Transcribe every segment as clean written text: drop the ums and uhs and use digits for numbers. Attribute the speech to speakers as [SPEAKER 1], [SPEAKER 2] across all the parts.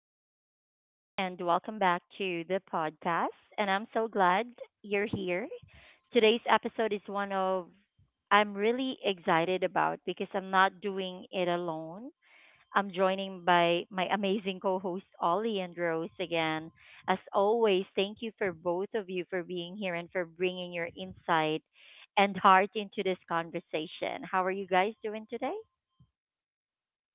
[SPEAKER 1] everyone, and welcome back to the podcast. And I'm so glad you're here. Today's episode is one of I'm really excited about because I'm not doing it alone. I'm joining by my amazing co host Ollie and Rose again. As always, thank you for both of you for being here and for bringing your insight and heart into this conversation. How are you guys doing today?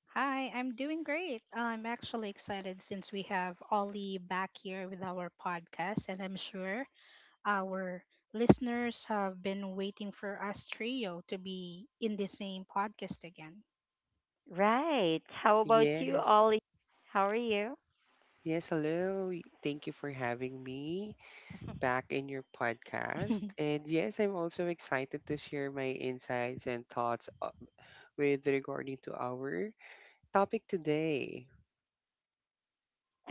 [SPEAKER 2] Hi, I'm doing great. I'm actually excited since we have Ollie back here with our podcast, and I'm sure our listeners have been waiting for us trio to be in the same podcast again.
[SPEAKER 1] Right. How about you,
[SPEAKER 3] Yes.
[SPEAKER 1] Ollie? How are you?
[SPEAKER 3] Yes, hello. Thank you for having me back in your podcast. And yes, I'm also excited to share my insights and thoughts with regarding to our topic today.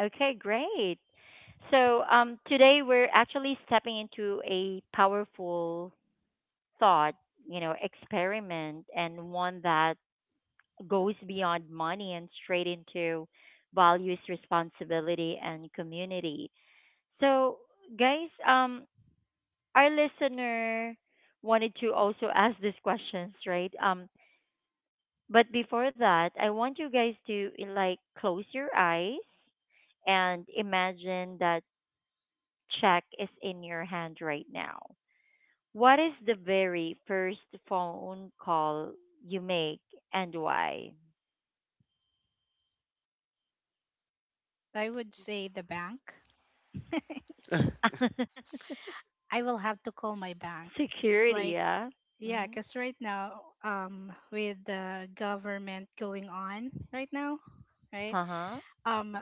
[SPEAKER 1] Okay, great. Today we're actually stepping into a powerful thought, experiment and one that goes beyond money and straight into values, responsibility, and community. So, guys, our listener wanted to also ask these questions, right? But before that, I want you guys to like close your eyes and imagine that check is in your hand right now. What is the very first phone call you make and why?
[SPEAKER 2] I would say the bank. I will have to call my bank.
[SPEAKER 1] Security,
[SPEAKER 2] Like,
[SPEAKER 1] yeah.
[SPEAKER 2] yeah,
[SPEAKER 1] Mm,
[SPEAKER 2] because right now, with the government going on right now, right?
[SPEAKER 1] uh-huh.
[SPEAKER 2] Um,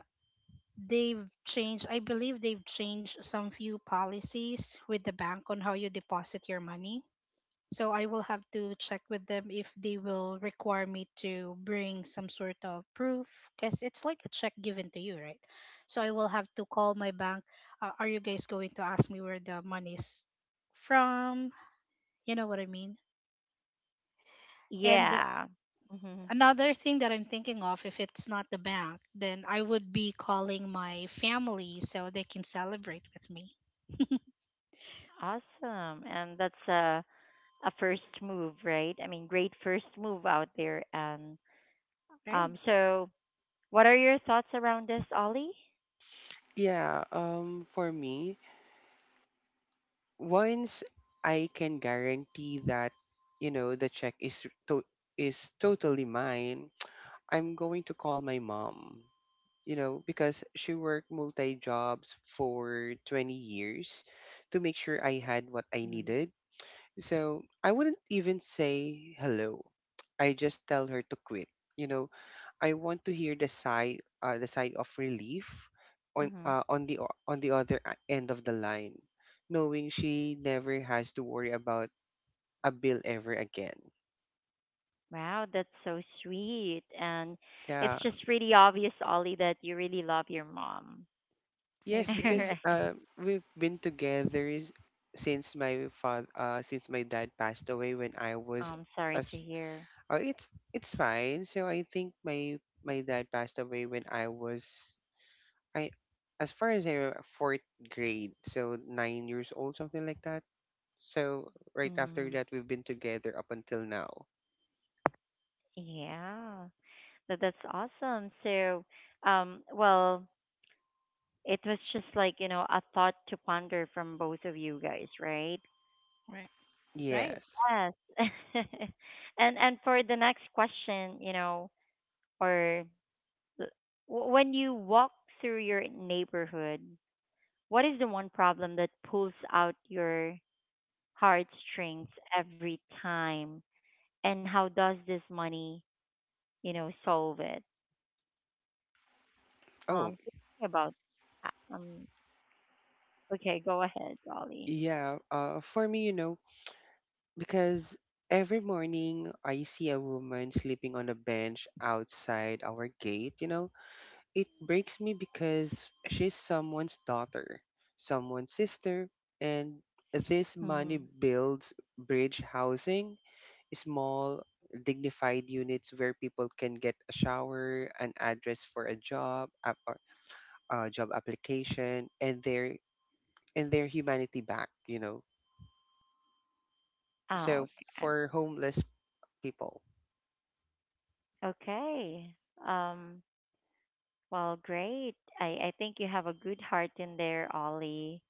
[SPEAKER 2] they've changed I believe they've changed some few policies with the bank on how you deposit your money, so I will have to check with them if they will require me to bring some sort of proof, because it's like a check given to you, right? So I will have to call my bank. Are you guys going to ask me where the money is from? You know what I mean? And
[SPEAKER 1] Yeah. hmm
[SPEAKER 2] another thing that I'm thinking of, if it's not the bank, then I would be calling my family so they can celebrate with me.
[SPEAKER 1] Awesome. And that's a first move, right? I mean, great first move out there. And
[SPEAKER 2] Right.
[SPEAKER 1] so what are your thoughts around this, Ollie?
[SPEAKER 3] Yeah, for me, once I can guarantee that, you know, the check is totally mine, I'm going to call my mom. You know, because she worked multi jobs for 20 years to make sure I had what I needed. So I wouldn't even say hello. I just tell her to quit. You know, I want to hear the side, the side of relief on
[SPEAKER 1] Mm-hmm.
[SPEAKER 3] uh, on the o- on the other end of the line, knowing she never has to worry about a bill ever again.
[SPEAKER 1] Wow, that's so sweet. And it's
[SPEAKER 3] Yeah.
[SPEAKER 1] just really obvious, Ollie, that you really love your mom.
[SPEAKER 2] I
[SPEAKER 3] Yes, because
[SPEAKER 2] agree.
[SPEAKER 1] Right.
[SPEAKER 3] we've been together since my dad passed away when I was.
[SPEAKER 1] I'm sorry
[SPEAKER 3] as
[SPEAKER 1] to hear.
[SPEAKER 3] uh, it's it's fine. So I think my dad passed away when I was, I as far as fourth grade, so 9 years old, something like that. So right after
[SPEAKER 1] Mm,
[SPEAKER 3] that, we've been together up until now.
[SPEAKER 1] yeah, that's awesome. So, well, it was just like, you know, a thought to ponder from both of you guys, right?
[SPEAKER 2] Right. Right.
[SPEAKER 3] Yes.
[SPEAKER 1] Yes. And for the next question, you know, or the- when you walk through your neighborhood, what is the one problem that pulls out your heartstrings every time, and how does this money, you know, solve it?
[SPEAKER 3] Oh,
[SPEAKER 1] Thinking about uh, um. Okay, go ahead, Ollie.
[SPEAKER 3] yeah. For me, you know, because every morning I see a woman sleeping on a bench outside our gate, you know, it breaks me because she's someone's daughter, someone's sister, and this money
[SPEAKER 1] Mm-hmm.
[SPEAKER 3] builds bridge housing, small, dignified units where people can get a shower, an address for a job, a job application, and their humanity back.
[SPEAKER 1] Oh,
[SPEAKER 3] So,
[SPEAKER 1] okay.
[SPEAKER 3] for homeless people,
[SPEAKER 1] Okay. Um, well, great. I think you have a good heart in there, Ollie.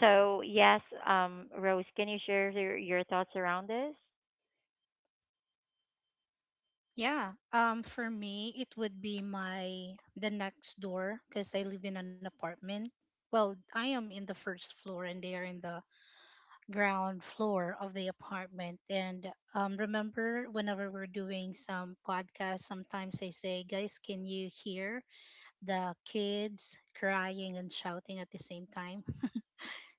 [SPEAKER 1] So, yes, Rose, can you share your thoughts around this?
[SPEAKER 2] Yeah. For me it would be my the next door, because I live in an apartment. Well, I am in the first floor and they are in the ground floor of the apartment. And remember whenever we're doing some podcast, sometimes I say, guys, can you hear the kids crying and shouting at the same time?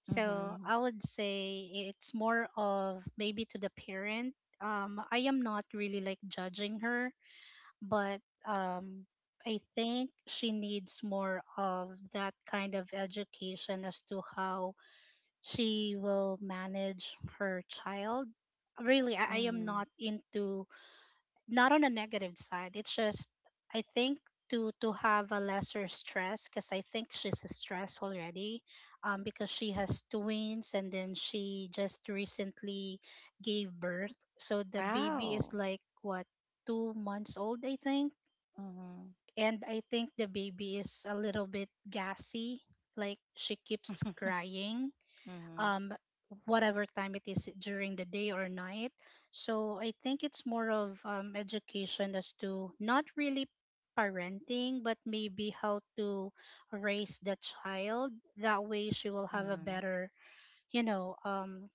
[SPEAKER 2] So
[SPEAKER 1] Mm-hmm.
[SPEAKER 2] I would say it's more of maybe to the parent. I am not really like judging her, but um, I think she needs more of that kind of education as to how she will manage her child. Really, I am
[SPEAKER 1] Mm-hmm.
[SPEAKER 2] not into not on a negative side. It's just I think to have a lesser stress, because I think she's stressed already, because she has twins and then she just recently gave birth. So the baby is
[SPEAKER 1] Wow.
[SPEAKER 2] like what, 2 months old, I think,
[SPEAKER 1] Mm-hmm.
[SPEAKER 2] and I think the baby is a little bit gassy. Like she keeps crying,
[SPEAKER 1] hmm
[SPEAKER 2] um whatever time it is during the day or night. So I think it's more of, education, as to not really parenting but maybe how to raise the child, that way she will have a
[SPEAKER 1] hmm
[SPEAKER 2] better, you know um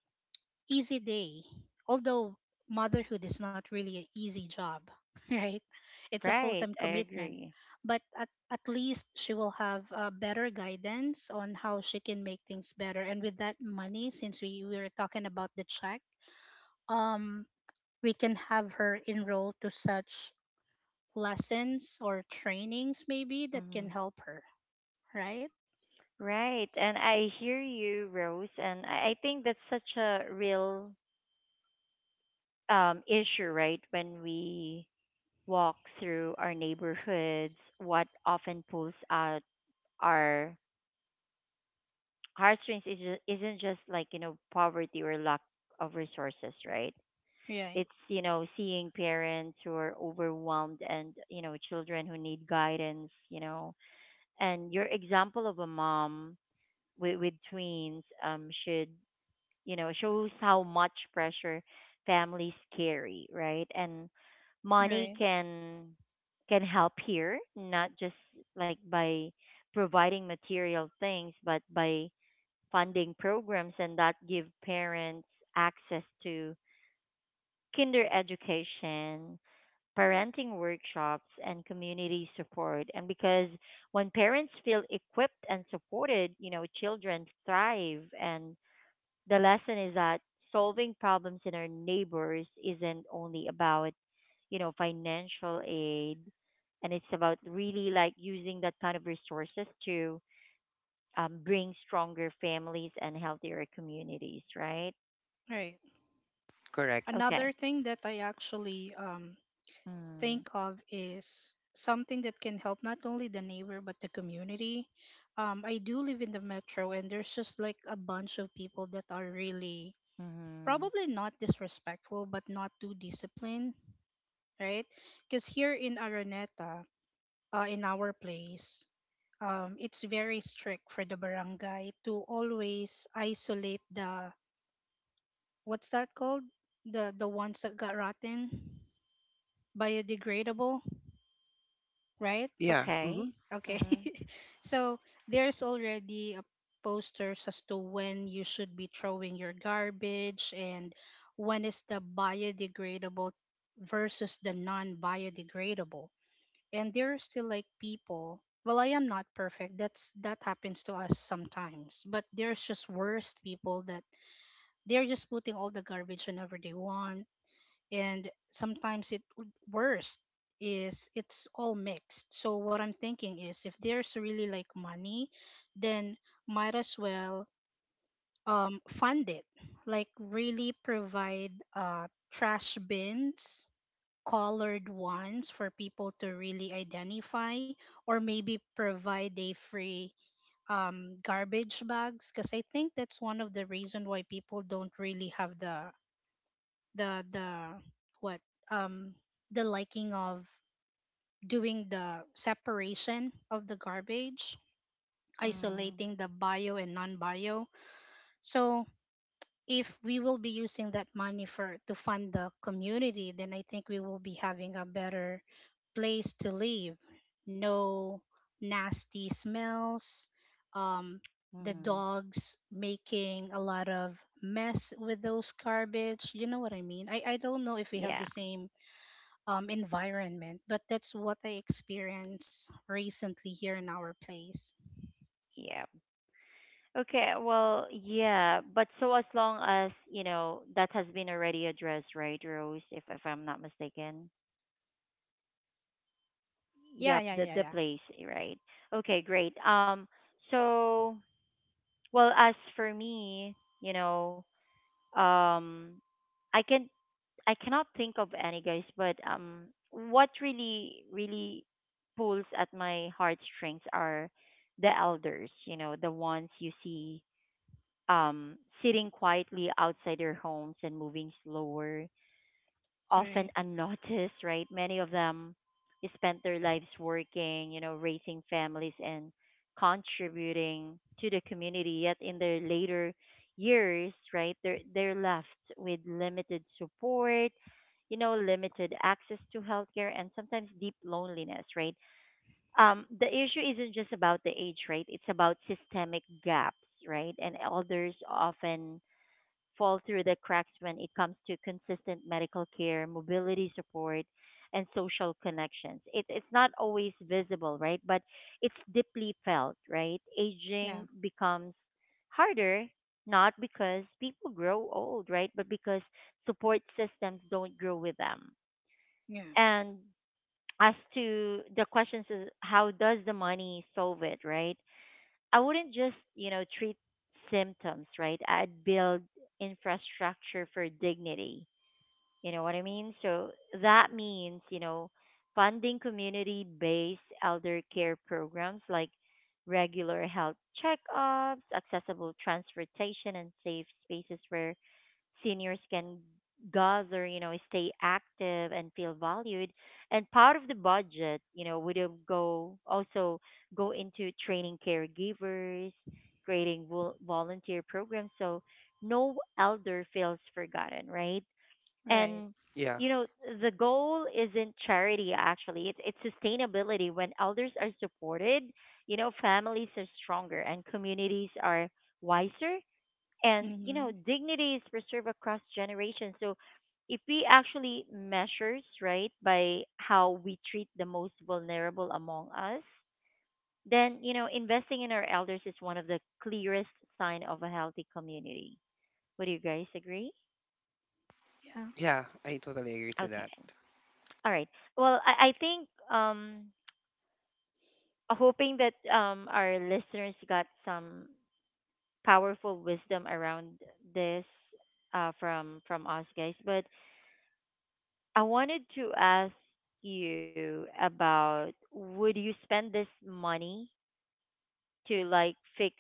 [SPEAKER 2] easy day, although motherhood is not really an easy job, right? It's a full time
[SPEAKER 1] Right, I
[SPEAKER 2] commitment,
[SPEAKER 1] agree.
[SPEAKER 2] but at least she will have better guidance on how she can make things better. And with that money, since we were talking about the check, um, we can have her enroll to such lessons or trainings maybe that can
[SPEAKER 1] hmm
[SPEAKER 2] help her, right?
[SPEAKER 1] Right, and I hear you, Rose, and I think that's such a real issue, right? When we walk through our neighborhoods, what often pulls out our heartstrings is isn't just like, you know, poverty or lack of resources, right?
[SPEAKER 2] Right,
[SPEAKER 1] It's, you know, seeing parents who are overwhelmed and, you know, children who need guidance, you know, and your example of a mom with, twins should, you know, shows how much pressure families carry, right, and money
[SPEAKER 2] right,
[SPEAKER 1] can help here, not just like by providing material things, but by funding programs and that give parents access to kinder education, parenting workshops, and community support. And because when parents feel equipped and supported, you know, children thrive. And the lesson is that solving problems in our neighbors isn't only about, you know, financial aid, and it's about really like using that kind of resources to bring stronger families and healthier communities, right?
[SPEAKER 2] right.
[SPEAKER 3] correct.
[SPEAKER 1] Okay.
[SPEAKER 2] Another thing that I actually
[SPEAKER 1] Hmm.
[SPEAKER 2] think of is something that can help not only the neighbor but the community. I do live in the metro, and there's just like a bunch of people that are really
[SPEAKER 1] Mm-hmm.
[SPEAKER 2] probably not disrespectful but not too disciplined, right? Because here in Araneta, in our place, it's very strict for the barangay to always isolate the, what's that called, the ones that got rotten, biodegradable, right?
[SPEAKER 3] Yeah.
[SPEAKER 1] Okay.
[SPEAKER 3] Hmm.
[SPEAKER 2] Okay.
[SPEAKER 1] Mm-hmm.
[SPEAKER 2] So there's already a posters as to when you should be throwing your garbage, and when is the biodegradable versus the non-biodegradable. And there are still like people. Well, I am not perfect. That happens to us sometimes. But there's just worst people that they're just putting all the garbage whenever they want, and sometimes worst is, it's all mixed. So what I'm thinking is, if there's really like money, then might as well fund it, like really provide trash bins, colored ones for people to really identify, or maybe provide a free garbage bags, because I think that's one of the reason why people don't really have the, the what, um the liking of doing the separation of the garbage,
[SPEAKER 1] Mm-hmm.
[SPEAKER 2] isolating the bio and non-bio. So if we will be using that money for to fund the community, then I think we will be having a better place to live. No nasty smells, um the
[SPEAKER 1] Mm-hmm.
[SPEAKER 2] dogs making a lot of mess with those garbage, you know what I mean, I don't know if we have the
[SPEAKER 1] Yeah,
[SPEAKER 2] same environment, but that's what I experienced recently here in our place.
[SPEAKER 1] yeah. Okay, well, yeah, but so as long as, you know, that has been already addressed, right, Rose, if I'm not mistaken.
[SPEAKER 2] Yeah,
[SPEAKER 1] Yep,
[SPEAKER 2] yeah,
[SPEAKER 1] the
[SPEAKER 2] yeah, yeah.
[SPEAKER 1] place, eh, right. Okay, great. So well, as for me, you know, um I can I cannot think of any guys, but what really pulls at my heartstrings are the elders, you know, the ones you see sitting quietly outside their homes and moving slower, often
[SPEAKER 2] Right.
[SPEAKER 1] unnoticed, right? Many of them spent their lives working, you know, raising families and contributing to the community. Yet in their later years, right, they're left with limited support, you know, limited access to healthcare and sometimes deep loneliness, right? The issue isn't just about the age, right? It's about systemic gaps, right? And elders often fall through the cracks when it comes to consistent medical care, mobility support, and social connections. It's not always visible, right? But it's deeply felt, right?
[SPEAKER 2] Yeah,
[SPEAKER 1] Aging becomes harder not because people grow old, right? But because support systems don't grow with them.
[SPEAKER 2] yeah.
[SPEAKER 1] And as to the questions is how does the money solve it, right? I wouldn't just, you know, treat symptoms, right? I'd build infrastructure for dignity. You know what I mean? So that means, you know, funding community based elder care programs like regular health checkups, accessible transportation, and safe spaces where seniors can gather, you know, stay active and feel valued. And part of the budget, you know, would have go also go into training caregivers, creating volunteer programs, so no elder feels forgotten, right?
[SPEAKER 2] Right.
[SPEAKER 1] And
[SPEAKER 3] Yeah.
[SPEAKER 1] you know, the goal isn't charity actually. It's sustainability. When elders are supported, you know, families are stronger and communities are wiser, and you know
[SPEAKER 2] Mm-hmm.
[SPEAKER 1] dignity is preserved across generations. So if we actually measures right by how we treat the most vulnerable among us, then you know investing in our elders is one of the clearest sign of a healthy community. Would you guys agree?
[SPEAKER 2] Yeah.
[SPEAKER 3] Yeah, I totally agree to
[SPEAKER 1] Okay,
[SPEAKER 3] that.
[SPEAKER 1] all right. Well, I think hoping that our listeners got some powerful wisdom around this from us guys, but I wanted to ask you about, would you spend this money to like fix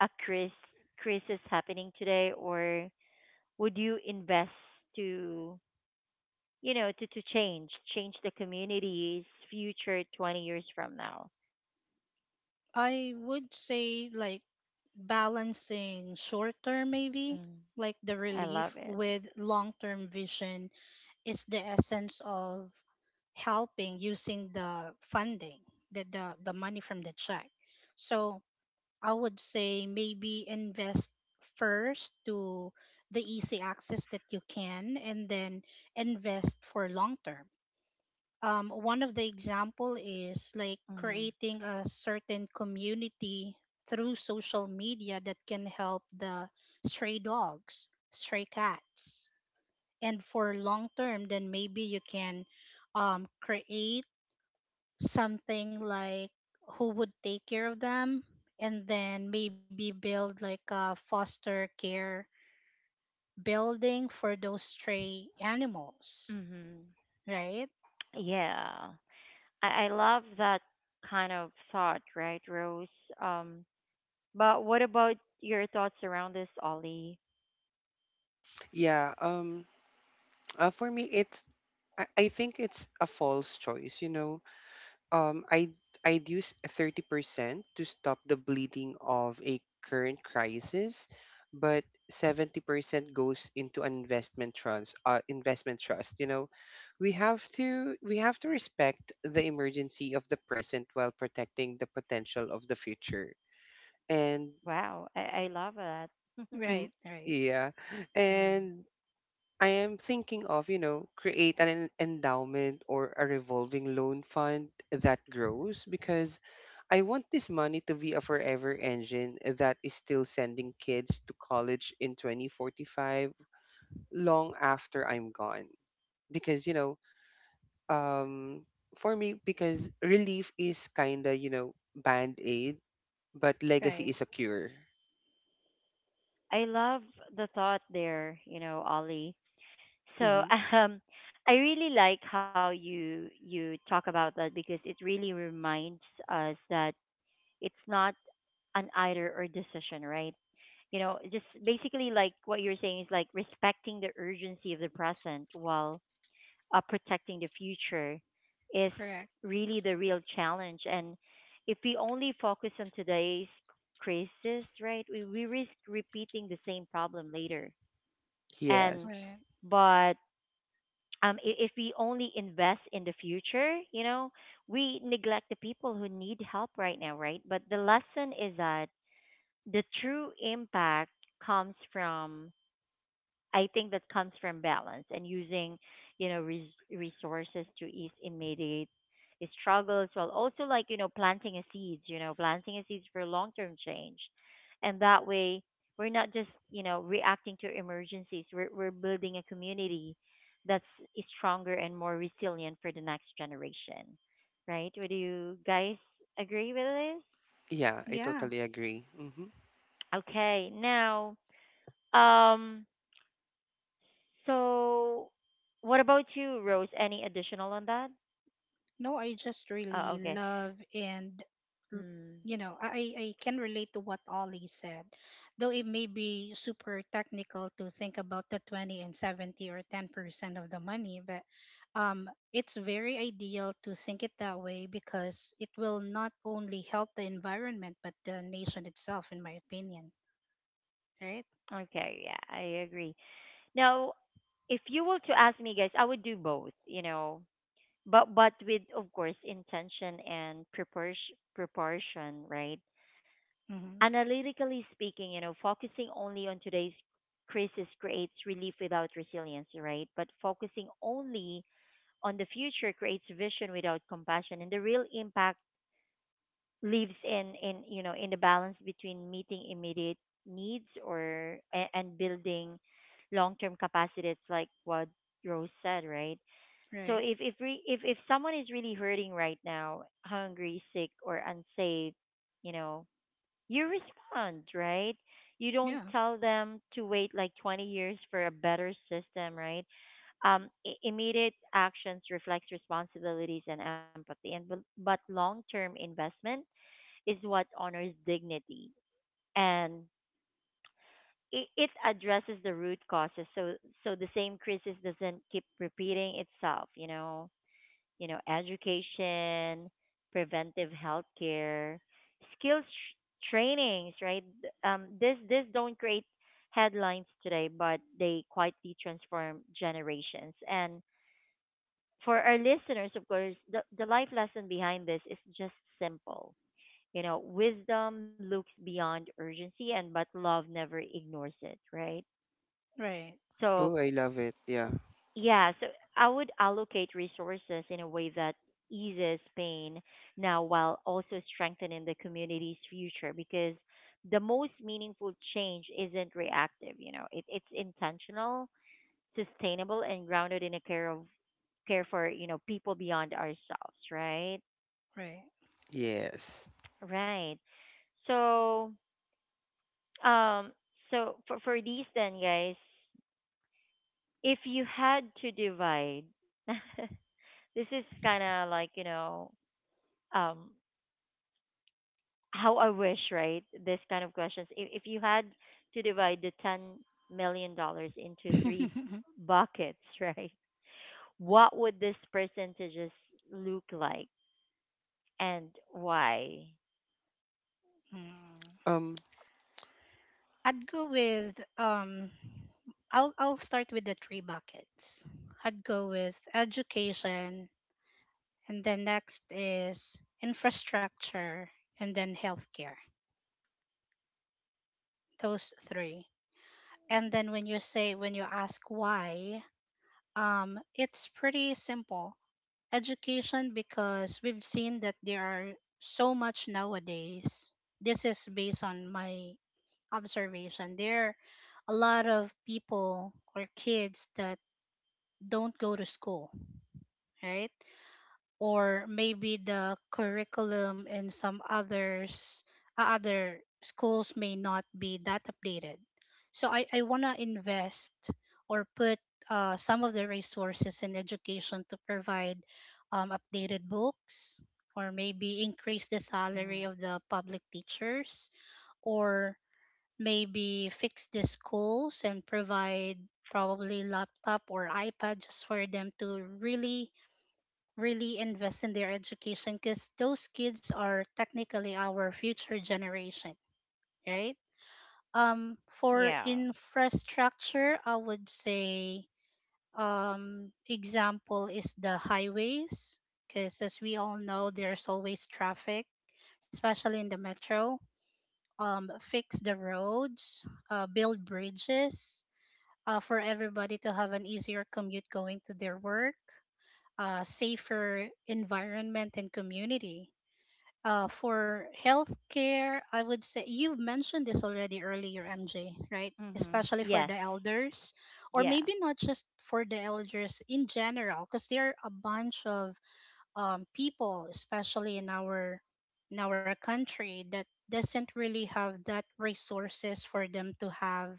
[SPEAKER 1] a cris crisis happening today, or would you invest to, you know, to change the community's future 20 years from now?
[SPEAKER 2] I would say like balancing short term, maybe
[SPEAKER 1] Mm,
[SPEAKER 2] like the
[SPEAKER 1] I love
[SPEAKER 2] relief
[SPEAKER 1] it.
[SPEAKER 2] with long term vision is the essence of helping, using the funding, the money from the check. So I would say maybe invest first to the easy access that you can, and then invest for long term. One of the example is like
[SPEAKER 1] Mm.
[SPEAKER 2] creating a certain community through social media that can help the stray dogs, stray cats. And for long term, then maybe you can, create something like who would take care of them, and then maybe build like a foster care building for those stray animals,
[SPEAKER 1] Mhm.
[SPEAKER 2] right?
[SPEAKER 1] Yeah. I love that kind of thought, right, Rose? Um, but what about your thoughts around this, Ollie?
[SPEAKER 3] Yeah. For me, I think it's a false choice. You know. Um. I I'd use 30% to stop the bleeding of a current crisis, but 70% goes into an investment trust. You know, we have to respect the emergency of the present while protecting the potential of the future. And.
[SPEAKER 1] Wow, I love that.
[SPEAKER 3] Mm.
[SPEAKER 2] Right. Right.
[SPEAKER 3] Yeah.
[SPEAKER 1] Mm.
[SPEAKER 3] And I am thinking of, you know, create an endowment or a revolving loan fund that grows because I want this money to be a forever engine that is still sending kids to college in 2045 long after I'm gone. Because, you know, um, for me, because relief is kind of, band aid, but legacy
[SPEAKER 2] Right.
[SPEAKER 3] is a cure.
[SPEAKER 1] I love the thought there, you know, Ollie. So
[SPEAKER 3] Hmm.
[SPEAKER 1] um, I really like how you talk about that, because it really reminds us that it's not an either or decision, right? You know, just basically like what you're saying is like respecting the urgency of the present while protecting the future is
[SPEAKER 2] Correct.
[SPEAKER 1] really the real challenge. And if we only focus on today's crisis, right, we risk repeating the same problem later. And
[SPEAKER 3] Yes.
[SPEAKER 2] Right.
[SPEAKER 1] but if we only invest in the future, you know, we neglect the people who need help right now, right? But the lesson is that the true impact comes from I think that comes from balance and using, you know, resources to ease immediate struggles while also like, you know, planting a seeds, for long-term change. And that way we're not just, you know, reacting to emergencies. We're building a community that's stronger and more resilient for the next generation. Right? Would you guys agree with
[SPEAKER 3] Yeah, I
[SPEAKER 2] Yeah.
[SPEAKER 3] totally agree. Mm-hmm.
[SPEAKER 1] this? Okay. Now, um so, what about you, Rose? Any additional on that?
[SPEAKER 2] No, I just really
[SPEAKER 1] Oh, okay.
[SPEAKER 2] love and l-
[SPEAKER 1] Mm,
[SPEAKER 2] you know, I can relate to what Ollie said. Though it may be super technical to think about the 20 and 70 or 10% of the money, but it's very ideal to think it that way, because it will not only help the environment but the nation itself, in my opinion. Right?
[SPEAKER 1] okay, yeah, I agree. Now, if you were to ask me, guys, I would do both, you know, but with, of course, intention and preparation, proportion, right?
[SPEAKER 2] Mm-hmm.
[SPEAKER 1] Analytically speaking, you know, focusing only on today's crisis creates relief without resilience, right? But focusing only on the future creates vision without compassion, and the real impact lives in you know in the balance between meeting immediate needs or and building long-term capacity. It's like what Rose said, right? So
[SPEAKER 2] Right.
[SPEAKER 1] if if someone is really hurting right now, hungry, sick, or unsafe, you know, you respond, right? You don't
[SPEAKER 2] Yeah.
[SPEAKER 1] tell them to wait like 20 years for a better system, right? Um, immediate actions reflects responsibilities and empathy, and but long-term investment is what honors dignity, and it addresses the root causes, so the same crisis doesn't keep repeating itself, you know. You know, education, preventive health care, skills trainings, right? This don't create headlines today, but they quietly transform generations. And for our listeners, of course, the life lesson behind this is just simple. You know, wisdom looks beyond urgency, and but love never ignores it, right?
[SPEAKER 2] Right.
[SPEAKER 1] So,
[SPEAKER 3] Oh, I love it. Yeah.
[SPEAKER 1] yeah, so I would allocate resources in a way that eases pain now while also strengthening the community's future, because the most meaningful change isn't reactive, you know. It's intentional, sustainable, and grounded in a care of care for, you know, people beyond ourselves, right?
[SPEAKER 2] Right.
[SPEAKER 3] Yes.
[SPEAKER 1] Right. So, um, so for these then, guys, if you had to divide, this is kind of like you know, um, how I wish, right? This kind of questions. If you had to divide the $10 million into three buckets, right? What would these percentages look like, and why?
[SPEAKER 2] Mm.
[SPEAKER 3] Um,
[SPEAKER 2] I'd go with I'll start with the three buckets. I'd go with education, and then next is infrastructure, and then healthcare. Those three. And then when you say when you ask why, it's pretty simple. Education, because we've seen that there are so much nowadays. This is based on my observation. There are a lot of people or kids that don't go to school, right? Or maybe the curriculum in some others other schools may not be that updated. So I want to invest or put some of the resources in education to provide updated books, or maybe increase the
[SPEAKER 1] hmm
[SPEAKER 2] salary of the public teachers, or maybe fix the schools and provide probably laptop or iPad, just for them to really invest in their education, because those kids are technically our future generation, right? For
[SPEAKER 1] Yeah.
[SPEAKER 2] infrastructure I would say, example is the highways, because as we all know there's always traffic, especially in the metro. Fix the roads, build bridges, for everybody to have an easier commute going to their work, safer environment and community. For healthcare, I would say you've mentioned this already earlier, MJ, right? Especially for
[SPEAKER 1] Yes,
[SPEAKER 2] the elders, or
[SPEAKER 1] yeah.
[SPEAKER 2] maybe not just for the elders in general, because there are a bunch of people, especially in our country, that doesn't really have that resources for them to have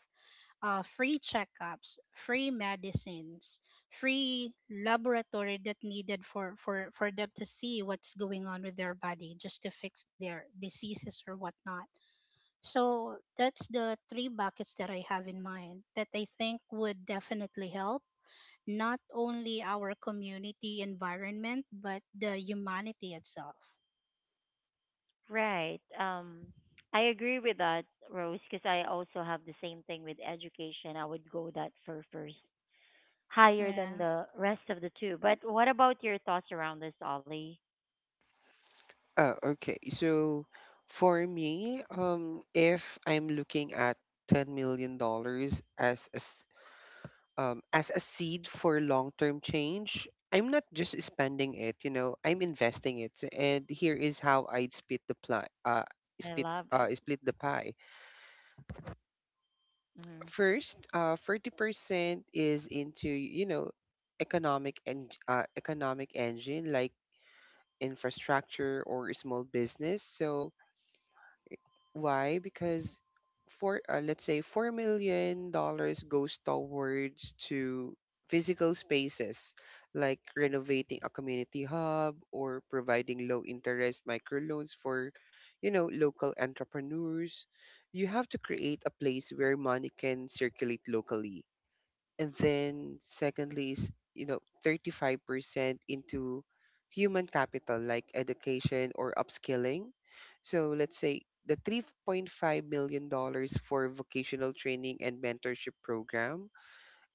[SPEAKER 2] free checkups, free medicines, free laboratory that needed for them to see what's going on with their body, just to fix their diseases or whatnot. So that's the three buckets that I have in mind that I think would definitely help not only our community environment but the humanity itself.
[SPEAKER 1] Right. I agree with that, Rose, because I also have the same thing with education. I would go that for first, higher than
[SPEAKER 2] Yeah,
[SPEAKER 1] the rest of the two. But what about your thoughts around this, Ollie?
[SPEAKER 3] okay. So for me, if I'm looking at $10 million as a seed for long-term change, I'm not just spending it, you know, I'm investing it. And here is how I'd
[SPEAKER 1] I
[SPEAKER 3] split the
[SPEAKER 1] love
[SPEAKER 3] pie.
[SPEAKER 1] it.
[SPEAKER 3] Uh, split uh split the pie.
[SPEAKER 1] hmm
[SPEAKER 3] First, 40% is into, you know, economic engine like infrastructure or small business. So why? Because for let's say $4 million goes towards to physical spaces like renovating a community hub or providing low interest microloans for, you know, local entrepreneurs. You have to create a place where money can circulate locally. And then secondly is, you know, 35% into human capital like education or upskilling. So let's say the $3.5 million for vocational training and mentorship program.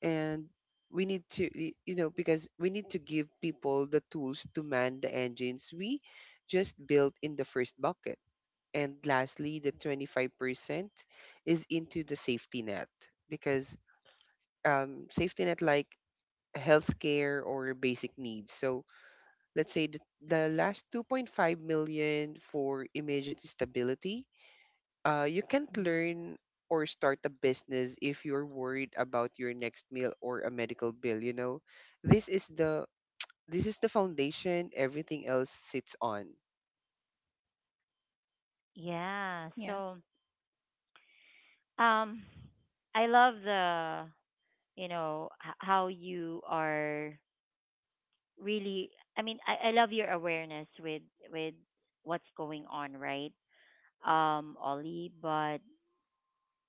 [SPEAKER 3] And we need to y- you know because we need to give people the tools to man the engines we just built in the first bucket. And lastly, the 25% is into the safety net because, safety net like healthcare or basic needs. So let's say the last 2.5 million for immediate stability. You can't
[SPEAKER 1] hmm
[SPEAKER 3] learn or start a business if you're worried about your next meal or a medical bill. This is the this is the foundation everything else sits on.
[SPEAKER 1] Yeah.
[SPEAKER 2] yeah,
[SPEAKER 1] So, um, I love the, you know, how you are really. I mean, I love your awareness with with what's going on, right, Ollie? But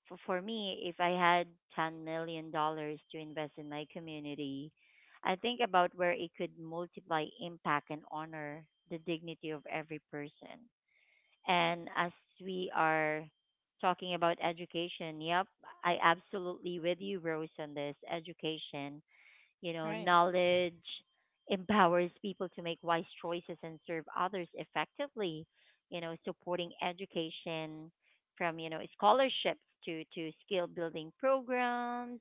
[SPEAKER 1] for me, if I had $10 million to invest in my community, I think about where it could multiply impact and honor the dignity of every person. And as we are talking about education, yep, I absolutely with you, Rose, on this education. You know,
[SPEAKER 2] right,
[SPEAKER 1] knowledge empowers people to make wise choices and serve others effectively. You know, supporting education from scholarships to skill building programs,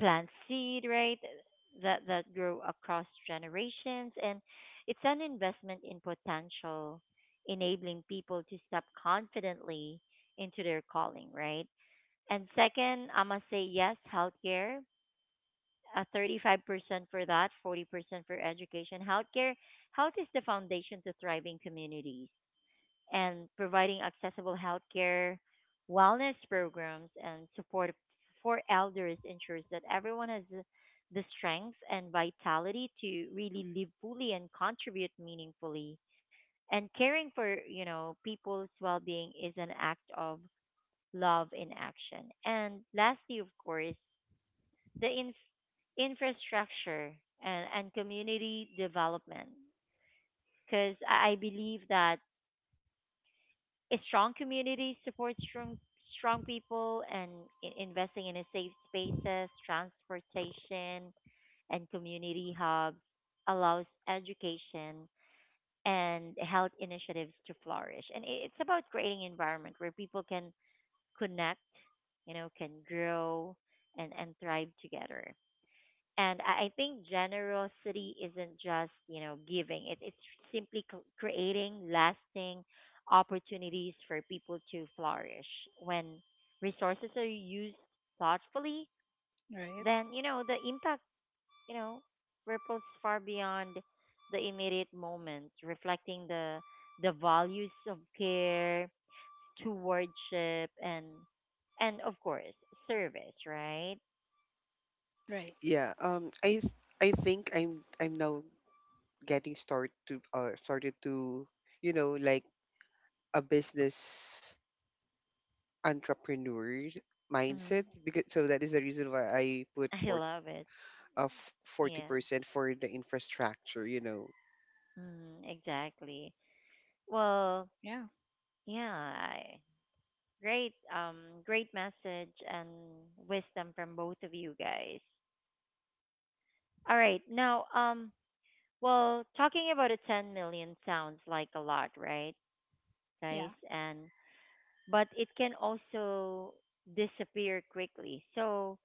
[SPEAKER 1] plant seed right that grow across generations, and it's an investment in potential, enabling people to step confidently into their calling. Right. And second, I must say yes, healthcare 35% for that, 40% for education. Healthcare, health is the foundation to thriving communities, and providing accessible healthcare, wellness programs, and support for elders ensures that everyone has the strength and vitality to really live fully and contribute meaningfully. And caring for, you know, people's well-being is an act of love in action. And lastly, of course, the infrastructure and community development because I believe that a strong community supports strong people and investing in a safe spaces, transportation, and community hubs allows education and health initiatives to flourish. And it's about creating environment where people can connect, you know, can grow and thrive together. And I think generosity isn't just, you know, giving. It's simply creating lasting opportunities for people to flourish. When resources are used thoughtfully,
[SPEAKER 2] right,
[SPEAKER 1] then, you know, the impact, you know, ripples far beyond the immediate moment, reflecting the values of care, stewardship, and of course, service, right?
[SPEAKER 2] right.
[SPEAKER 3] Yeah, I think I'm now getting started to, you know, like a business entrepreneur mindset,
[SPEAKER 1] Hmm.
[SPEAKER 3] because so that is the reason why I put
[SPEAKER 1] I love it.
[SPEAKER 3] of forty
[SPEAKER 1] Yeah.
[SPEAKER 3] percent for the infrastructure.
[SPEAKER 1] Mm, exactly. Well,
[SPEAKER 2] Yeah,
[SPEAKER 1] yeah, I, great, great message and wisdom from both of you guys. All right, now, well, talking about a 10 million sounds like a lot, right,
[SPEAKER 2] yeah.
[SPEAKER 1] guys? And but it can also disappear quickly. So,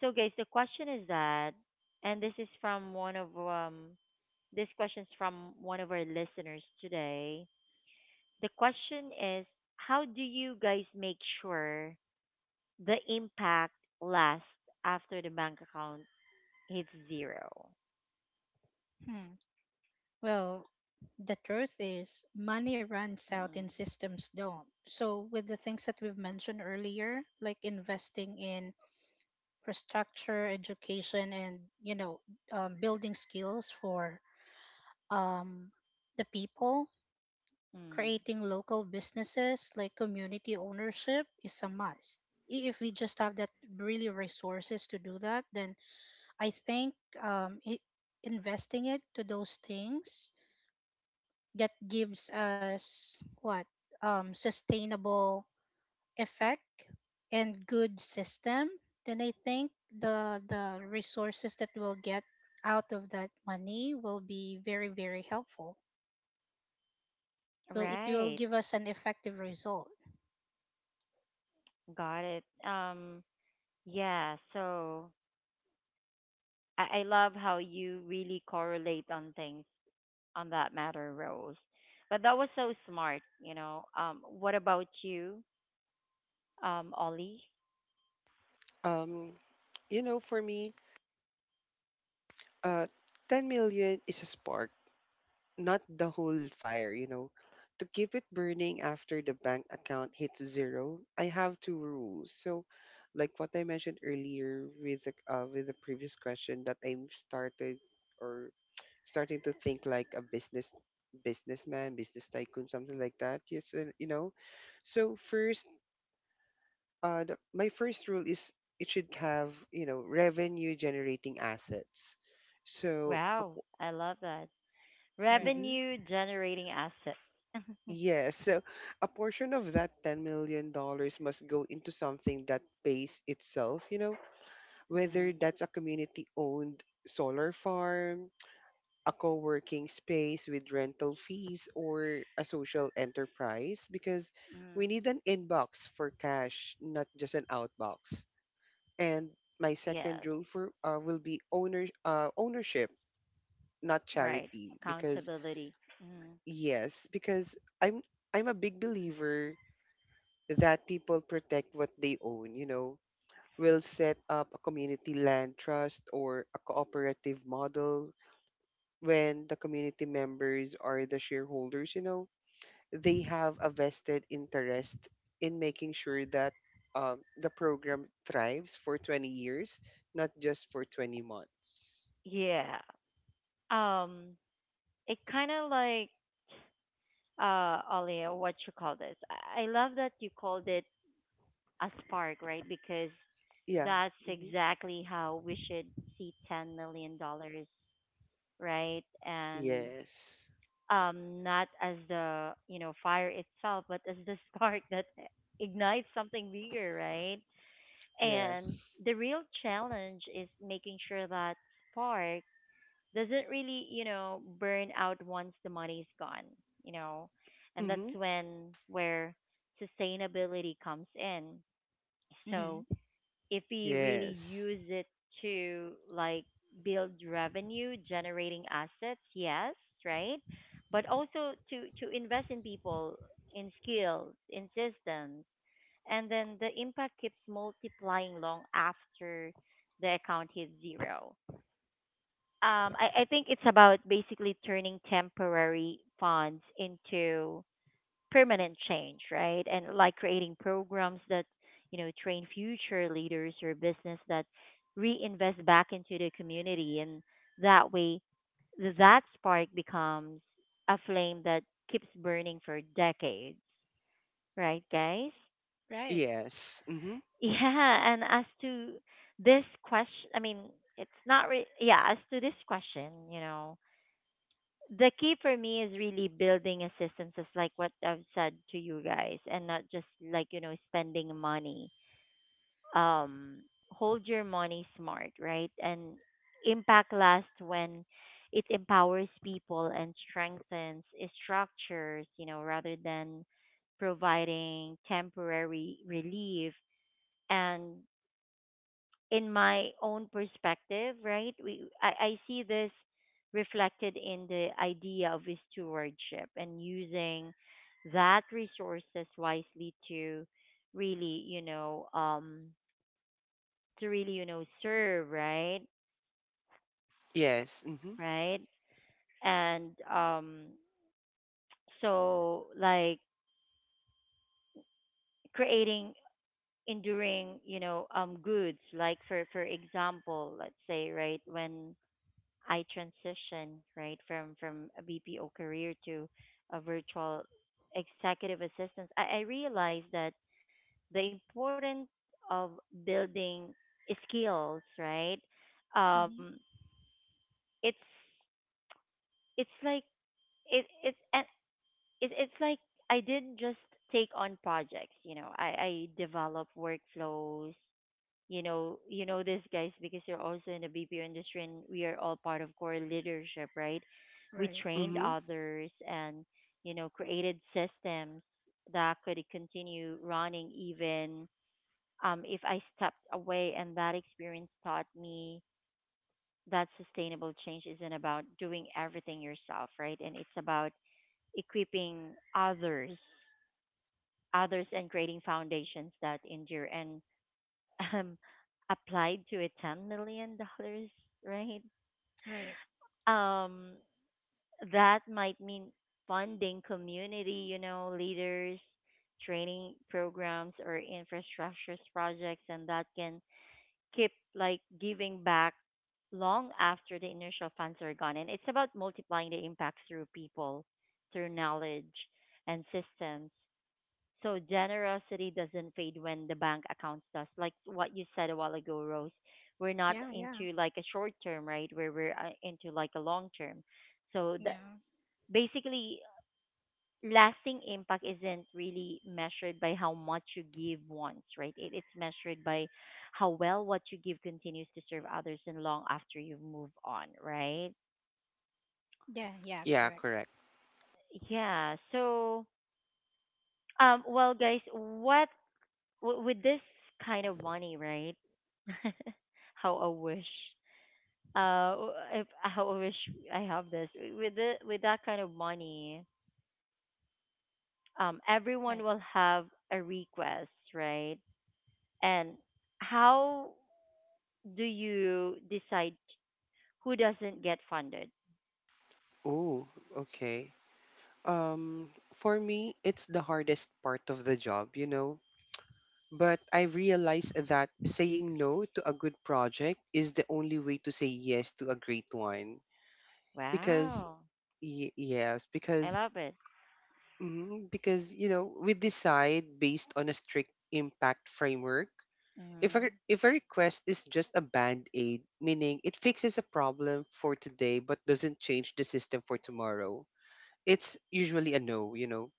[SPEAKER 1] so guys, the question is that, and this is from one of this question's from one of our listeners today the question is how do you guys make sure the impact lasts after the bank account hits zero?
[SPEAKER 2] Hmm. Well, the truth is, money runs out
[SPEAKER 1] Mm-mm.
[SPEAKER 2] and systems don't. So, with the things that we've mentioned earlier, like investing in infrastructure, education, and, building skills for, um, the people,
[SPEAKER 1] Mm.
[SPEAKER 2] creating local businesses like community ownership is a must. If we just have that really resources to do that, then I think, investing it to those things that gives us what, sustainable effect, and good system, then I think the resources that we'll get out of that money will be very very helpful, will it will
[SPEAKER 1] Right.
[SPEAKER 2] give us an effective result.
[SPEAKER 1] Got it. Yeah, so I love how you really correlate on things on that matter, Rose. But that was so smart, you know. Um, what about you, Ollie?
[SPEAKER 3] um, you know, for me, uh, 10 million is a spark, not the whole fire. You know, to keep it burning after the bank account hits zero, I have two rules. So, like what I mentioned earlier with the previous question that I've started. Or starting to think like a business, businessman, business tycoon, something like that. Yes, and, you know. So first, my first rule is it should have, revenue generating assets. So a
[SPEAKER 1] Wow,
[SPEAKER 3] po-
[SPEAKER 1] I love that.
[SPEAKER 2] Right.
[SPEAKER 3] Mhm.
[SPEAKER 1] Revenue generating assets.
[SPEAKER 3] Yes, so a portion of that $10 million must go into something that pays itself. You know, whether
[SPEAKER 1] Mm.
[SPEAKER 3] that's a community owned solar farm, a co-working space with rental fees, or a social enterprise, because we
[SPEAKER 1] Mm.
[SPEAKER 3] need an inbox for cash, not just an outbox. And my second
[SPEAKER 1] Yes.
[SPEAKER 3] rule for will be ownership, not
[SPEAKER 1] Right.
[SPEAKER 3] charity, because
[SPEAKER 1] Accountability. Mm.
[SPEAKER 3] yes, because I'm I'm a big believer that people protect what they own. You know, we will set up a community land trust or a cooperative model when the community members are the shareholders. You know, they have a vested interest in making sure that, the program thrives for 20 years, not just for 20 months.
[SPEAKER 1] Yeah. Um, it kind of like Ollie, what you call this? I love that you called it a spark, right? Because
[SPEAKER 3] Yeah.
[SPEAKER 1] that's
[SPEAKER 3] Hmm.
[SPEAKER 1] exactly how we should see $10 million, right? And
[SPEAKER 3] Yes.
[SPEAKER 1] not as the you know fire itself, but as the spark that ignites something bigger, right? And
[SPEAKER 3] Yes.
[SPEAKER 1] the real challenge is making sure that spark doesn't really, you know, burn out once the money's gone, you know. And that's
[SPEAKER 3] Hmm.
[SPEAKER 1] when where sustainability comes in. So
[SPEAKER 2] Mm-hmm.
[SPEAKER 1] if we really
[SPEAKER 3] Yes.
[SPEAKER 1] use it to like build revenue generating assets, yes, right? But also to invest in people, in skills, in systems and then the impact keeps multiplying long after the account hits zero. I think it's about basically turning temporary funds into permanent change, right? And like creating programs that, you know, train future leaders or business that reinvest back into the community. And that way, that spark becomes a flame that keeps burning for decades, right, guys?
[SPEAKER 2] Right.
[SPEAKER 3] Yes. Hmm.
[SPEAKER 1] Yeah, and as to this question, I mean, it's not re- yeah, as to this question, you know, the key for me is really building a system just like what I've said to you guys and not just like, you know, spending money. Um hold your money smart, right? And impact lasts when it empowers people and strengthens structures, you know, rather than providing temporary relief and in my own perspective, right? We I see this reflected in the idea of stewardship and using that resources wisely to really, you know, to really, you know, serve, right?
[SPEAKER 3] Yes. Hmm.
[SPEAKER 1] Right? And so like creating enduring, you know, goods, like for example, let's say, right, when I transitioned right from a BPO career to a virtual executive assistant, I realized that the importance of building skills, right? Um,
[SPEAKER 2] Mm-hmm.
[SPEAKER 1] it's it's like it it's and it, it's like I didn't just take on projects, you know. I develop workflows, you know this guys because you're also in the BPO industry and we are all part of core leadership right we
[SPEAKER 2] Right.
[SPEAKER 1] trained
[SPEAKER 3] Hmm.
[SPEAKER 1] others and you know created systems that could continue running even if I stepped away and that experience taught me that sustainable change isn't about doing everything yourself right and it's about equipping others others and creating foundations that endure and um, applied to a $10 million, right?
[SPEAKER 2] Right.
[SPEAKER 1] Um, that might mean funding community, you know, leaders, training programs, or infrastructure projects, and that can keep like giving back long after the initial funds are gone. And it's about multiplying the impact through people, through knowledge and systems. So generosity doesn't fade when the bank account does. Like what you said a while ago, Rose, we're not
[SPEAKER 2] Yeah. Yeah.
[SPEAKER 1] into like a short term, right? Where we're into like a long term. So the,
[SPEAKER 2] Yeah.
[SPEAKER 1] basically, lasting impact isn't really measured by how much you give once, right? It's measured by how well what you give continues to serve others and long after you move on, right?
[SPEAKER 2] Yeah. Yeah.
[SPEAKER 3] Yeah,
[SPEAKER 2] Correct.
[SPEAKER 3] correct.
[SPEAKER 1] Yeah. So, well, guys, what with this kind of money, right? how I wish. W- if, how I wish I have this with with that kind of money.
[SPEAKER 2] Right.
[SPEAKER 1] Everyone will have a request, right? And how do you decide who doesn't get funded?
[SPEAKER 3] Oh, okay. Um, for me, it's the hardest part of the job, you know. But I realized that saying no to a good project is the only way to say yes to a great one. Because,
[SPEAKER 1] Wow,
[SPEAKER 3] y- yes,
[SPEAKER 1] I
[SPEAKER 3] because,
[SPEAKER 1] love it.
[SPEAKER 3] mm, because, you know, we decide based on a strict impact framework. If a,
[SPEAKER 1] Hmm.
[SPEAKER 3] if a request is just a band aid, meaning it fixes a problem for today but doesn't change the system for tomorrow, it's usually a no.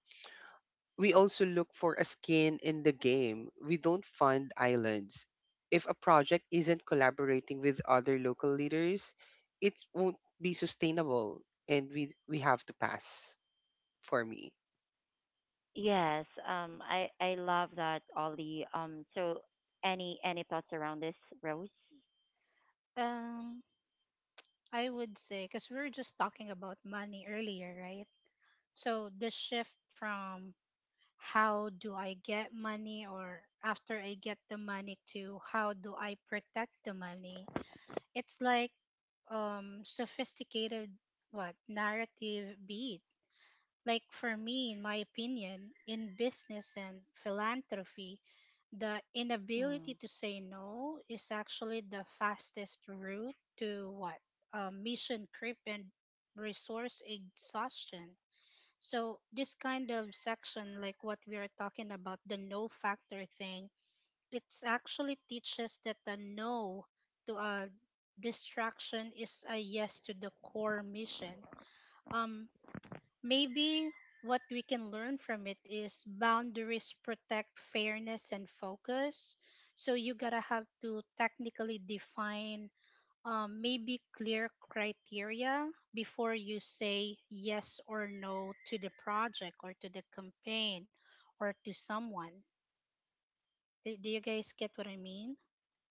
[SPEAKER 3] We also look for a skin in the game. We don't find islands. If a project isn't collaborating with other local leaders, it won't be sustainable, and we have to pass for me.
[SPEAKER 1] Yes, I love that, Ollie. So any thoughts around this, Rose?
[SPEAKER 2] um I would say, because we were just talking about money earlier, right? So the shift from how do I get money, or after I get the money, to how do I protect the money. It's like, sophisticated what narrative beat. Like for me, in my opinion, in business and philanthropy, the inability
[SPEAKER 1] Mm.
[SPEAKER 2] to say no is actually the fastest route to what, mission creep and resource exhaustion. So this kind of section, like what we are talking about, the no factor thing, it's actually teaches that a no to a distraction is a yes to the core mission. Um, maybe what we can learn from it is boundaries protect fairness and focus. So you gotta have to technically define, maybe clear criteria before you say yes or no to the project or to the campaign or to someone. Do you guys get what I mean?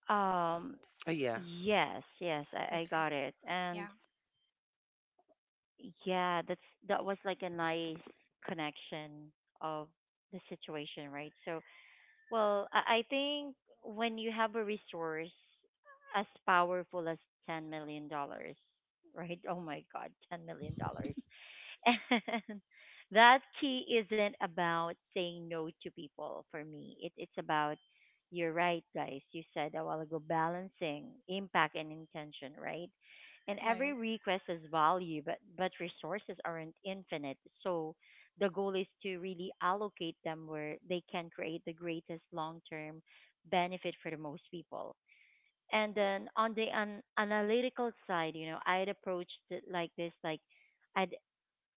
[SPEAKER 1] Um,
[SPEAKER 3] Oh yeah,
[SPEAKER 1] yes, yes, I
[SPEAKER 2] Okay.
[SPEAKER 1] got it. And
[SPEAKER 2] Yeah.
[SPEAKER 1] yeah, that's that was like a nice connection of the situation, right? So, well, I think when you have a resource as powerful as $10 million, right? Oh my God, $10 million. And that key isn't about saying no to people for me. It's about, you're right, guys. You said a while ago, balancing impact and intention, right? And every
[SPEAKER 2] Right.
[SPEAKER 1] request has value, but resources aren't infinite. So the goal is to really allocate them where they can create the greatest long term benefit for the most people. And then on the analytical side, you know, I'd approached it like this, like, I'd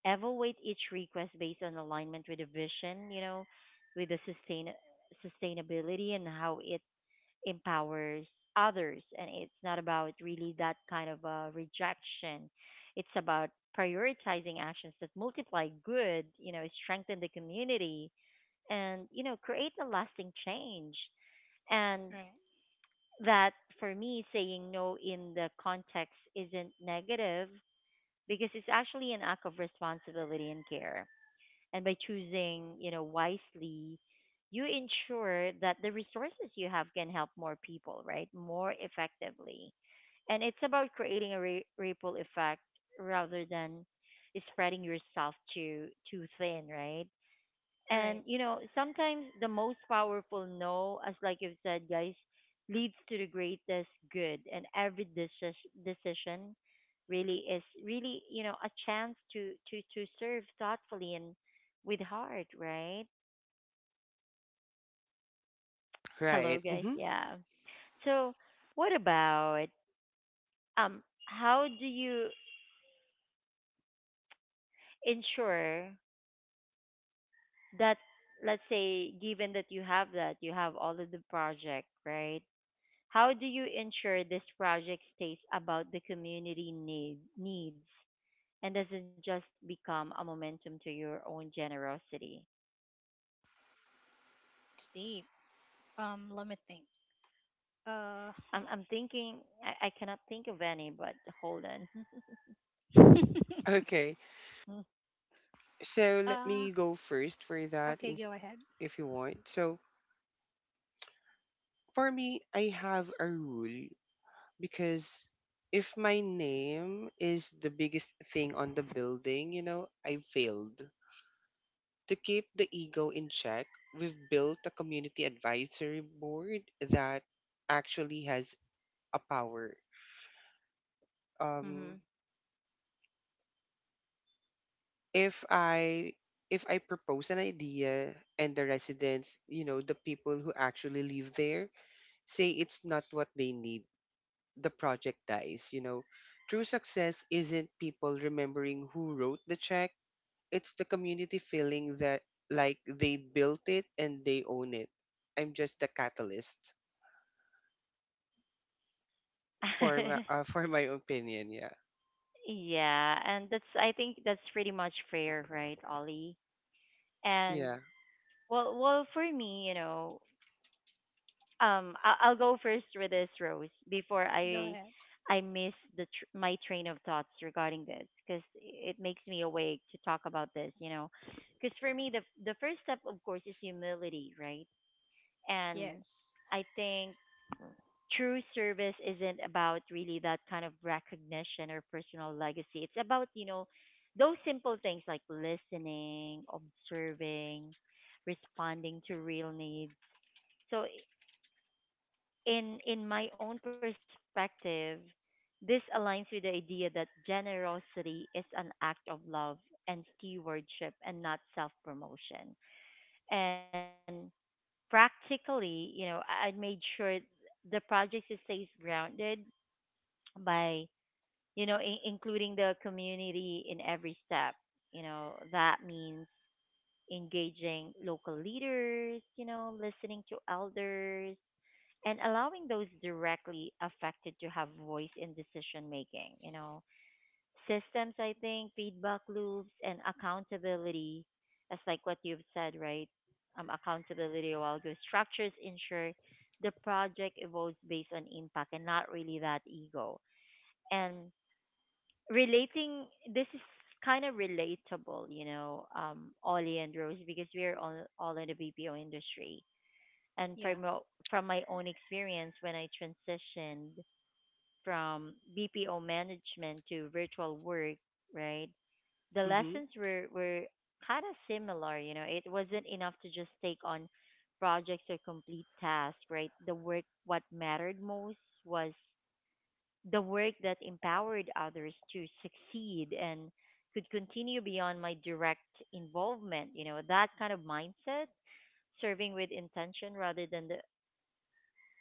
[SPEAKER 1] evaluate each request based on alignment with the vision, you know, with the sustainability and how it empowers others. And it's not about really that kind of rejection. It's about prioritizing actions that multiply good, you know, strengthen the community, and you know, create a lasting change. And
[SPEAKER 2] Right.
[SPEAKER 1] that for me, saying no in the context isn't negative because it's actually an act of responsibility and care and by choosing, you know, wisely, you ensure that the resources you have can help more people, right? More effectively. And it's about creating a ripple effect rather than spreading yourself too thin, right? And
[SPEAKER 2] Right.
[SPEAKER 1] you know, sometimes the most powerful no, as like you've said, guys, leads to the greatest good. And every decision really is really you know a chance to serve thoughtfully and with heart, right? Hello,
[SPEAKER 3] right.
[SPEAKER 1] guys.
[SPEAKER 3] Hmm.
[SPEAKER 1] Yeah. So, what about um? How do you ensure that, let's say, given that, you have all of the project, right? How do you ensure this project stays about the community needs and doesn't just become a momentum to your own generosity?
[SPEAKER 2] That's deep. Let me think.
[SPEAKER 1] I'm
[SPEAKER 2] Huh.
[SPEAKER 1] thinking, I cannot think of any, but hold on.
[SPEAKER 3] Okay. So let
[SPEAKER 2] uh,
[SPEAKER 3] me go first for that
[SPEAKER 2] okay,
[SPEAKER 3] in,
[SPEAKER 2] go ahead.
[SPEAKER 3] if you want. So for me, I have a rule because if my name is the biggest thing on the building, you know, I failed. To keep the ego in check, we've built a community advisory board that actually has a power.
[SPEAKER 1] Hmm.
[SPEAKER 3] Um, if I if I propose an idea and the residents, the people who actually live there say it's not what they need, the project dies. True success isn't people remembering who wrote the check, it's the community feeling that like they built it and they own it. I'm just the catalyst, for my for my opinion. Yeah.
[SPEAKER 1] yeah, and that's I think that's pretty much fair, right, Ollie? And
[SPEAKER 3] Yeah.
[SPEAKER 1] well, for me, you know, I'll go first with this Rose before
[SPEAKER 2] Go ahead.
[SPEAKER 1] I miss the my train of thoughts regarding this because it makes me awake to talk about this you know because for me the first step of course is humility right and
[SPEAKER 2] Yes.
[SPEAKER 1] I think true service isn't about really that kind of recognition or personal legacy it's about you know those simple things like listening observing responding to real needs so in my own perspective, this aligns with the idea that generosity is an act of love and stewardship and not self-promotion. And practically, you know, I made sure the project stays grounded by, you know, including the community in every step. That means engaging local leaders, listening to elders, and allowing those directly affected to have voice in decision making systems. I think feedback loops and accountability, as like what you've said, right? Um, accountability a while ago, structures ensure the project evolves based on impact and not really that ego. And relating, this is kind of relatable, Ollie and Rose, because we're all in the BPO industry. And
[SPEAKER 2] Yeah.
[SPEAKER 1] from my own experience, when I transitioned from BPO management to virtual work, right? The
[SPEAKER 3] Hmm.
[SPEAKER 1] lessons were kind of similar. It wasn't enough to just take on projects or complete tasks, right? The work, what mattered most, was the work that empowered others to succeed and could continue beyond my direct involvement, That kind of mindset, serving with intention rather than the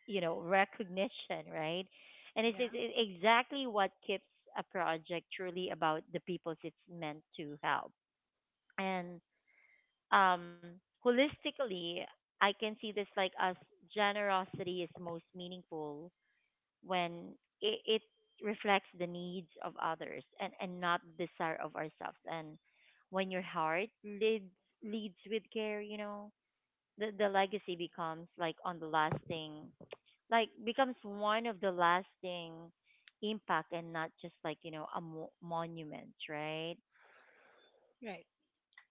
[SPEAKER 1] you know recognition, right? And it's,
[SPEAKER 2] Yeah.
[SPEAKER 1] it's it's exactly what keeps a project truly about the people it's meant to help. And holistically, I can see this like as generosity is most meaningful when it reflects the needs of others and not the desire of ourselves. And when your heart leads with care, the legacy becomes like on the lasting, like becomes one of the lasting impact and not just a monument, right?
[SPEAKER 2] Right.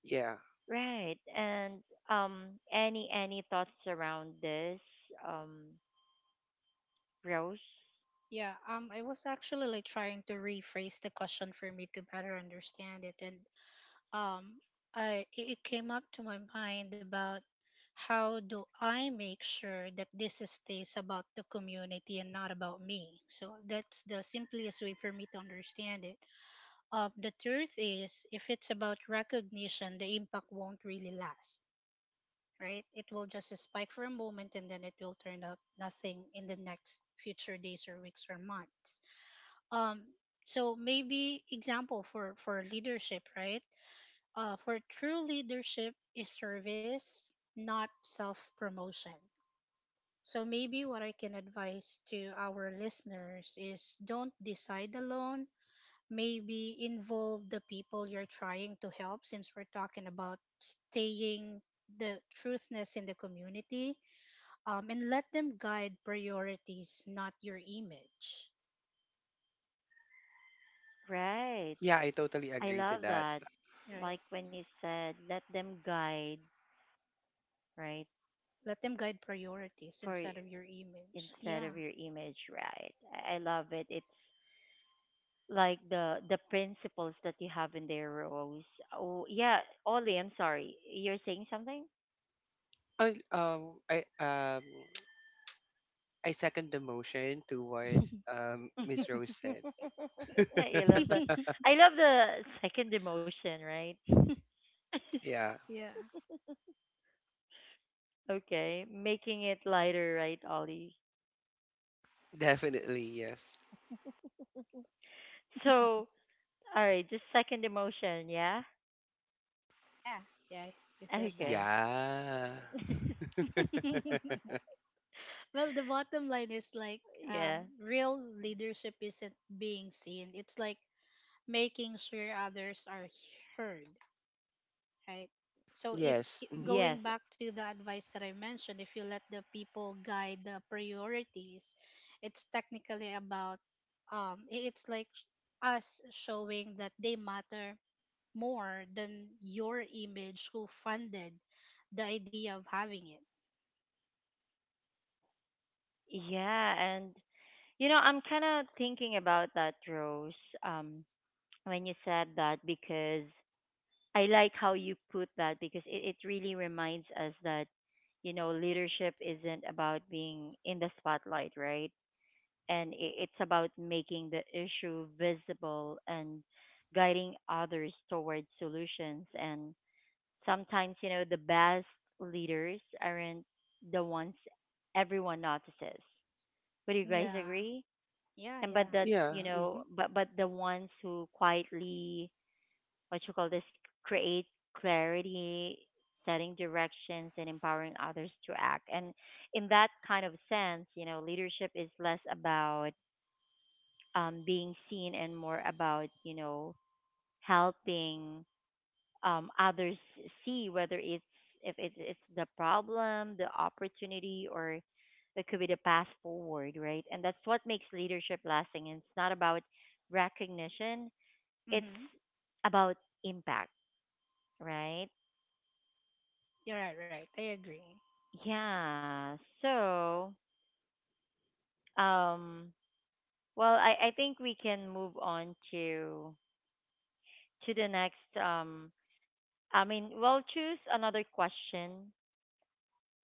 [SPEAKER 3] Yeah.
[SPEAKER 1] Right. And um any thoughts around this, um Rose?
[SPEAKER 2] Yeah, I was actually like trying to rephrase the question for me to better understand it, and um I it it came up to my mind about how do I make sure that this stays about the community and not about me. So that's the simplest way for me to understand it. The truth is, if it's about recognition, the impact won't really last. Right? It will just spike for a moment and then it will turn up nothing in the next future days or weeks or months. Um, so maybe example for leadership, right? For true leadership is service, not self promotion. So maybe what I can advise to our listeners is don't decide alone. Maybe involve the people you're trying to help since we're talking about staying the truthness in the community, and let them guide priorities, not your image.
[SPEAKER 1] Right,
[SPEAKER 3] Yeah, I totally
[SPEAKER 1] I
[SPEAKER 3] agree to
[SPEAKER 1] love
[SPEAKER 3] that.
[SPEAKER 1] that,
[SPEAKER 2] Right.
[SPEAKER 1] like when you said let them guide, right?
[SPEAKER 2] Let them guide priorities
[SPEAKER 1] For
[SPEAKER 2] instead of your image.
[SPEAKER 1] instead
[SPEAKER 2] Yeah.
[SPEAKER 1] of your image, right? I love it. It's like the principles that you have in there, Rose. Oh yeah, Ollie, I'm sorry, you're saying something.
[SPEAKER 3] I I second the motion to what
[SPEAKER 1] I
[SPEAKER 3] Miss Rose said.
[SPEAKER 1] love the I love the second emotion, right?
[SPEAKER 3] yeah,
[SPEAKER 2] Yeah.
[SPEAKER 1] Okay, making it lighter, right, Ollie?
[SPEAKER 3] definitely yes.
[SPEAKER 1] So, all right, just second emotion, yeah?
[SPEAKER 2] Yeah, yeah, you said that.
[SPEAKER 1] Okay.
[SPEAKER 3] Yeah.
[SPEAKER 2] Well, the bottom line is like, um,
[SPEAKER 1] Yeah.
[SPEAKER 2] real leadership isn't being seen. It's like making sure others are heard, right? So if
[SPEAKER 3] yes. Mm-hmm.
[SPEAKER 1] Yes.
[SPEAKER 2] going back to the advice that I mentioned, if you let the people guide the priorities, it's technically about um, i- it's like sh- us showing that they matter more than your image who funded the idea of having it.
[SPEAKER 1] Yeah, and I'm kind of thinking about that, Rose, um when you said that, because I like how you put that, because it really reminds us that leadership isn't about being in the spotlight, right? And it's about making the issue visible and guiding others towards solutions. And sometimes, the best leaders aren't the ones everyone notices. Would you guys
[SPEAKER 2] Yeah.
[SPEAKER 1] agree?
[SPEAKER 2] Yeah,
[SPEAKER 1] And but
[SPEAKER 2] yeah.
[SPEAKER 1] that,
[SPEAKER 3] Yeah. Mm-hmm.
[SPEAKER 1] but the ones who quietly, what you call this, create clarity, setting directions, and empowering others to act. And in that kind of sense, leadership is less about being seen and more about helping others see whether it's, if it's the problem, the opportunity, or it could be the path forward, right? And that's what makes leadership lasting. And it's not about recognition; it's
[SPEAKER 2] Mm-hmm.
[SPEAKER 1] about impact, right?
[SPEAKER 2] You're right, right. I agree.
[SPEAKER 1] Yeah. So, um, well, I think we can move on to the next. I mean, we'll choose another question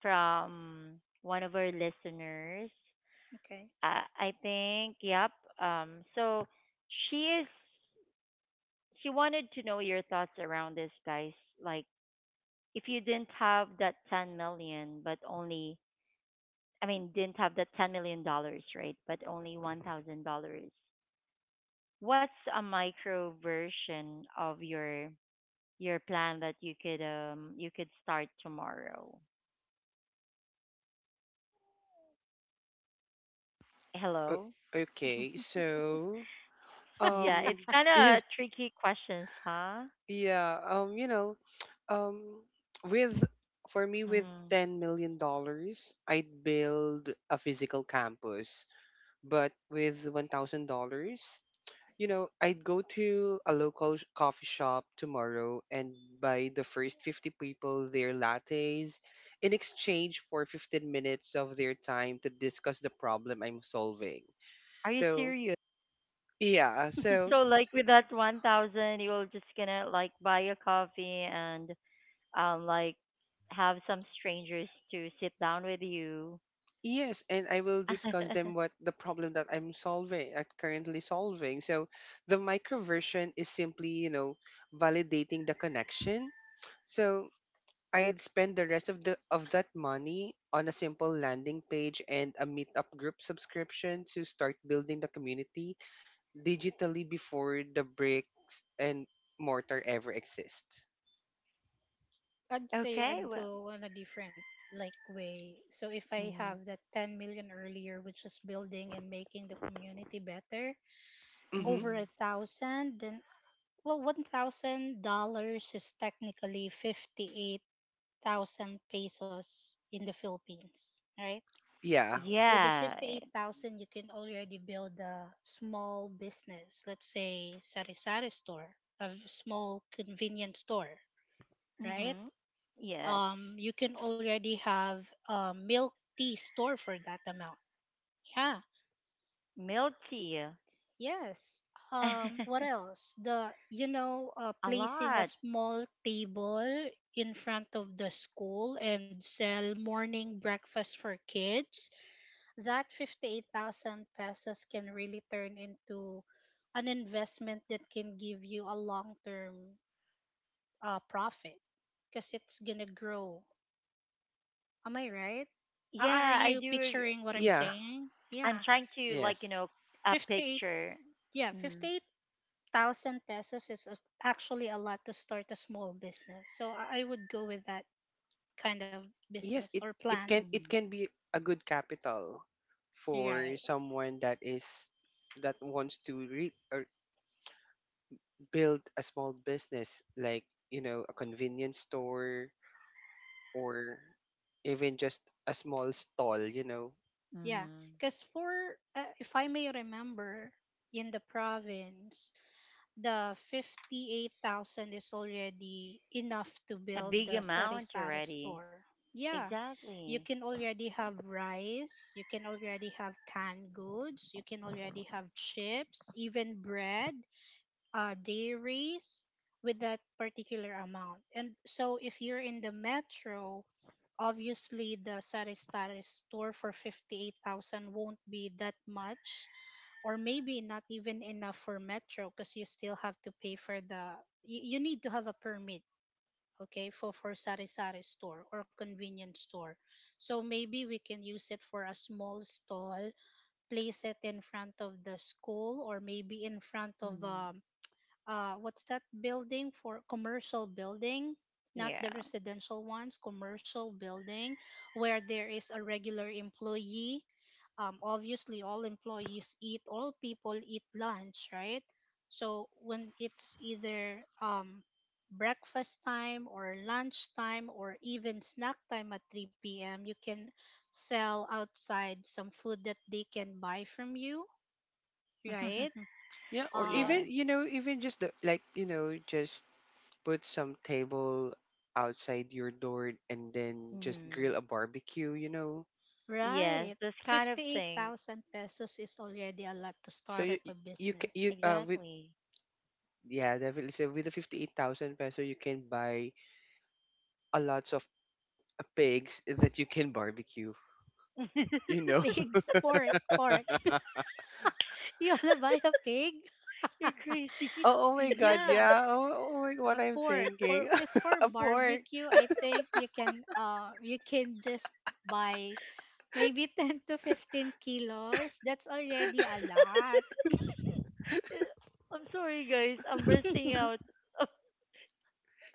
[SPEAKER 1] from one of our listeners.
[SPEAKER 2] Okay.
[SPEAKER 1] I think, yep. So she is, she wanted to know your thoughts around this, guys. Like, if you didn't have that 10 million, but only, I mean, didn't have that $10 million, right? But only $1,000, what's a micro version of your plan that you could start tomorrow? Hello.
[SPEAKER 3] Okay, so,
[SPEAKER 1] Yeah, it's
[SPEAKER 3] um
[SPEAKER 1] kind of tricky questions, huh?
[SPEAKER 3] yeah, you know, Um, with for me, with
[SPEAKER 1] Mm.
[SPEAKER 3] $10 million, I'd build a physical campus. But with $1,000, you know, I'd go to a local coffee shop tomorrow and buy the first 50 people their lattes in exchange for 15 minutes of their time to discuss the problem I'm solving.
[SPEAKER 1] Are you
[SPEAKER 3] So
[SPEAKER 1] serious?
[SPEAKER 3] yeah, so
[SPEAKER 1] So like with that 1000, you're just gonna like buy a coffee and um like have some strangers to sit down with you.
[SPEAKER 3] yes, and I will discuss them what the problem that I'm currently solving. So the microversion is simply, you know, validating the connection. So I'd spend the rest of that money on a simple landing page and a meetup group subscription to start building the community digitally before the bricks and mortar ever exists.
[SPEAKER 2] I'd say
[SPEAKER 1] Okay,
[SPEAKER 2] I'd
[SPEAKER 1] well,
[SPEAKER 2] go on a different like way. So if I
[SPEAKER 1] mm,
[SPEAKER 2] have that 10 million earlier, which is building and making the community better,
[SPEAKER 3] Mm-hmm.
[SPEAKER 2] over a
[SPEAKER 1] mm,
[SPEAKER 2] thousand, then well, $1,000 is technically 58,000 pesos in the Philippines, right?
[SPEAKER 3] Yeah.
[SPEAKER 2] With the
[SPEAKER 1] yeah.
[SPEAKER 2] 58,000 you can already build a small business, let's say sari-sari store, a small convenience store, right?
[SPEAKER 1] Mm-hmm. Yes.
[SPEAKER 2] You can already have a milk tea store for that amount. Yeah.
[SPEAKER 1] Milk tea.
[SPEAKER 2] Yes. What else?
[SPEAKER 1] A
[SPEAKER 2] Placing a
[SPEAKER 1] lot.
[SPEAKER 2] small table in front of the school and sell morning breakfast for kids. That 58,000 pesos can really turn into an investment that can give you a long-term, profit because it's gonna grow. Am I right? Are
[SPEAKER 1] Yeah, I
[SPEAKER 2] you
[SPEAKER 1] do. Ag-,
[SPEAKER 2] picturing what I'm
[SPEAKER 3] Yeah.
[SPEAKER 2] saying?
[SPEAKER 1] I'm
[SPEAKER 2] Yeah.
[SPEAKER 1] trying to like, you
[SPEAKER 3] Yes.
[SPEAKER 1] know, a
[SPEAKER 2] 58,
[SPEAKER 1] picture.
[SPEAKER 2] yeah,
[SPEAKER 1] Mm.
[SPEAKER 2] 58 thousand pesos is actually a lot to start a small business. So I would go with that kind of
[SPEAKER 3] Yes,
[SPEAKER 2] business or
[SPEAKER 3] it it
[SPEAKER 2] plan.
[SPEAKER 3] can it
[SPEAKER 1] Mhm.
[SPEAKER 3] can be a good capital for
[SPEAKER 2] Right.
[SPEAKER 3] someone that wants to re- or build a small business like, you know, a convenience store or even just a small stall.
[SPEAKER 2] Yeah.
[SPEAKER 1] Mhm.
[SPEAKER 2] Because, for, if I may remember, in the province, the 58,000 is already enough to
[SPEAKER 1] A
[SPEAKER 2] build the
[SPEAKER 1] big amount
[SPEAKER 2] sari-sari
[SPEAKER 1] already.
[SPEAKER 2] store. Yeah. You can
[SPEAKER 1] Exactly.
[SPEAKER 2] already have rice, you can already have canned goods, you can already have chips, even bread, dairies with that particular amount. And so if you're in the metro, obviously the sari sari store for 58,000 won't be that much, or maybe not even enough for metro, because you still have to pay for the, you need to have a permit, okay, for sari-sari store or convenience store. So maybe we can use it for a small stall, place it in front of the school or maybe in front of,
[SPEAKER 1] Mm.
[SPEAKER 2] what's that building, for commercial building, not the
[SPEAKER 1] Yeah.
[SPEAKER 2] residential ones, commercial building, where there is a regular employee. Obviously, all people eat lunch, right? So when it's either, breakfast time or lunch time or even snack time at 3 p.m, you can sell outside some food that they can buy from you, right?
[SPEAKER 3] yeah, or
[SPEAKER 2] uh
[SPEAKER 1] Yeah.
[SPEAKER 3] even just the like you know just put some table outside your door and then just
[SPEAKER 1] Mhm.
[SPEAKER 3] grill a barbecue.
[SPEAKER 1] Yes,
[SPEAKER 2] Right.
[SPEAKER 1] this kind of thing.
[SPEAKER 2] 58,000 pesos is already a lot to
[SPEAKER 3] So
[SPEAKER 2] start up
[SPEAKER 3] you you
[SPEAKER 2] a
[SPEAKER 3] you, ca-
[SPEAKER 2] business.
[SPEAKER 3] you with
[SPEAKER 1] Exactly.
[SPEAKER 3] Yeah, definitely. So with the 58,000 peso, you can buy a lots of pigs that you can barbecue, you know?
[SPEAKER 2] Pigs, pork, pork. You wanna buy a pig?
[SPEAKER 1] You're crazy.
[SPEAKER 3] Oh, oh my God,
[SPEAKER 2] Yeah,
[SPEAKER 3] yeah. Oh, oh my God, what
[SPEAKER 2] a
[SPEAKER 3] I'm
[SPEAKER 2] pork. For
[SPEAKER 3] thinking.
[SPEAKER 2] because for
[SPEAKER 3] A pork.
[SPEAKER 2] barbecue, I think you can just buy maybe 10 to 15 kilos. That's already a lot.
[SPEAKER 1] I'm sorry, guys. I'm bursting out.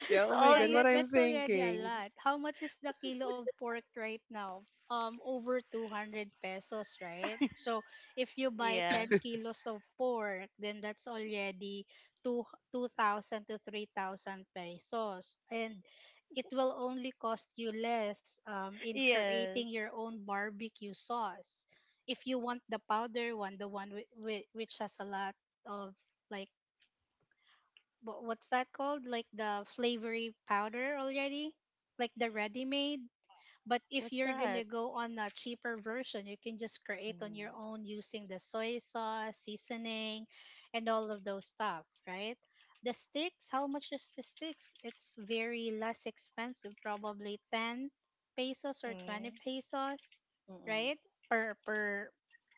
[SPEAKER 1] this
[SPEAKER 3] Yeah, oh my
[SPEAKER 1] all
[SPEAKER 2] Yeah,
[SPEAKER 3] God,
[SPEAKER 1] these.
[SPEAKER 3] what
[SPEAKER 2] that
[SPEAKER 3] I'm
[SPEAKER 2] that's already a
[SPEAKER 3] thinking.
[SPEAKER 2] lot. How much is the kilo of pork right now? Over 200 pesos, right? So if you buy
[SPEAKER 1] Yeah.
[SPEAKER 2] 10 kilos of pork, then that's already two 2,000 to 3,000 pesos. And it will only cost you less, in creating
[SPEAKER 1] Yes.
[SPEAKER 2] your own barbecue sauce. If you want the powder one, the one which has a lot of like, what's that called? Like the flavory powder already, like the ready made. But if
[SPEAKER 1] What's
[SPEAKER 2] you're gonna
[SPEAKER 1] that?
[SPEAKER 2] go on a cheaper version, you can just create on
[SPEAKER 1] Mm.
[SPEAKER 2] your own using the soy sauce, seasoning, and all of those stuff, right? The sticks, how much is the sticks? It's very less expensive, probably 10 pesos or
[SPEAKER 1] Mm.
[SPEAKER 2] 20 pesos,
[SPEAKER 1] Mm.
[SPEAKER 2] right? Per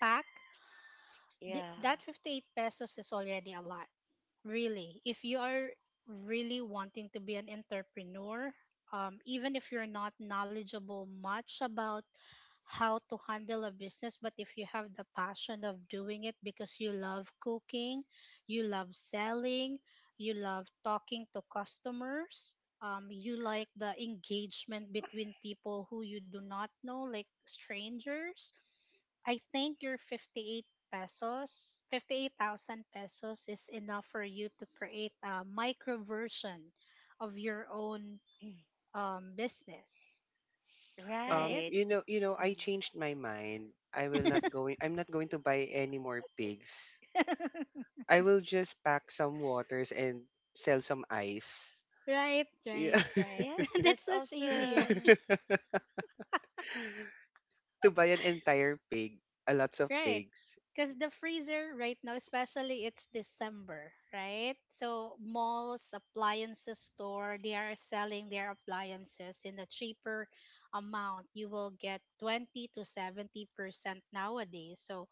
[SPEAKER 2] pack.
[SPEAKER 1] Yeah.
[SPEAKER 2] That 58 pesos is already a lot. Really, if you are really wanting to be an entrepreneur, even if you're not knowledgeable much about how to handle a business, but if you have the passion of doing it because you love cooking, you love selling, you love talking to customers, you like the engagement between people who you do not know, like strangers, I think your 58,000 pesos is enough for you to create a micro version of your own, business,
[SPEAKER 1] Mm.
[SPEAKER 2] right?
[SPEAKER 1] Right.
[SPEAKER 3] You know,
[SPEAKER 1] Mm.
[SPEAKER 3] I changed my mind. I'm not going to buy any more pigs. I will just pack some waters and sell some ice.
[SPEAKER 2] Right, right,
[SPEAKER 3] Yeah.
[SPEAKER 2] right.
[SPEAKER 1] Yeah. That's
[SPEAKER 2] That's much easier.
[SPEAKER 1] also.
[SPEAKER 3] To buy an entire pig, a lots of
[SPEAKER 2] Right.
[SPEAKER 3] pigs.
[SPEAKER 2] Because the freezer right now, especially it's December, right? So malls, appliances store, they are selling their appliances in a cheaper amount. You will get 20 to 70% nowadays. So,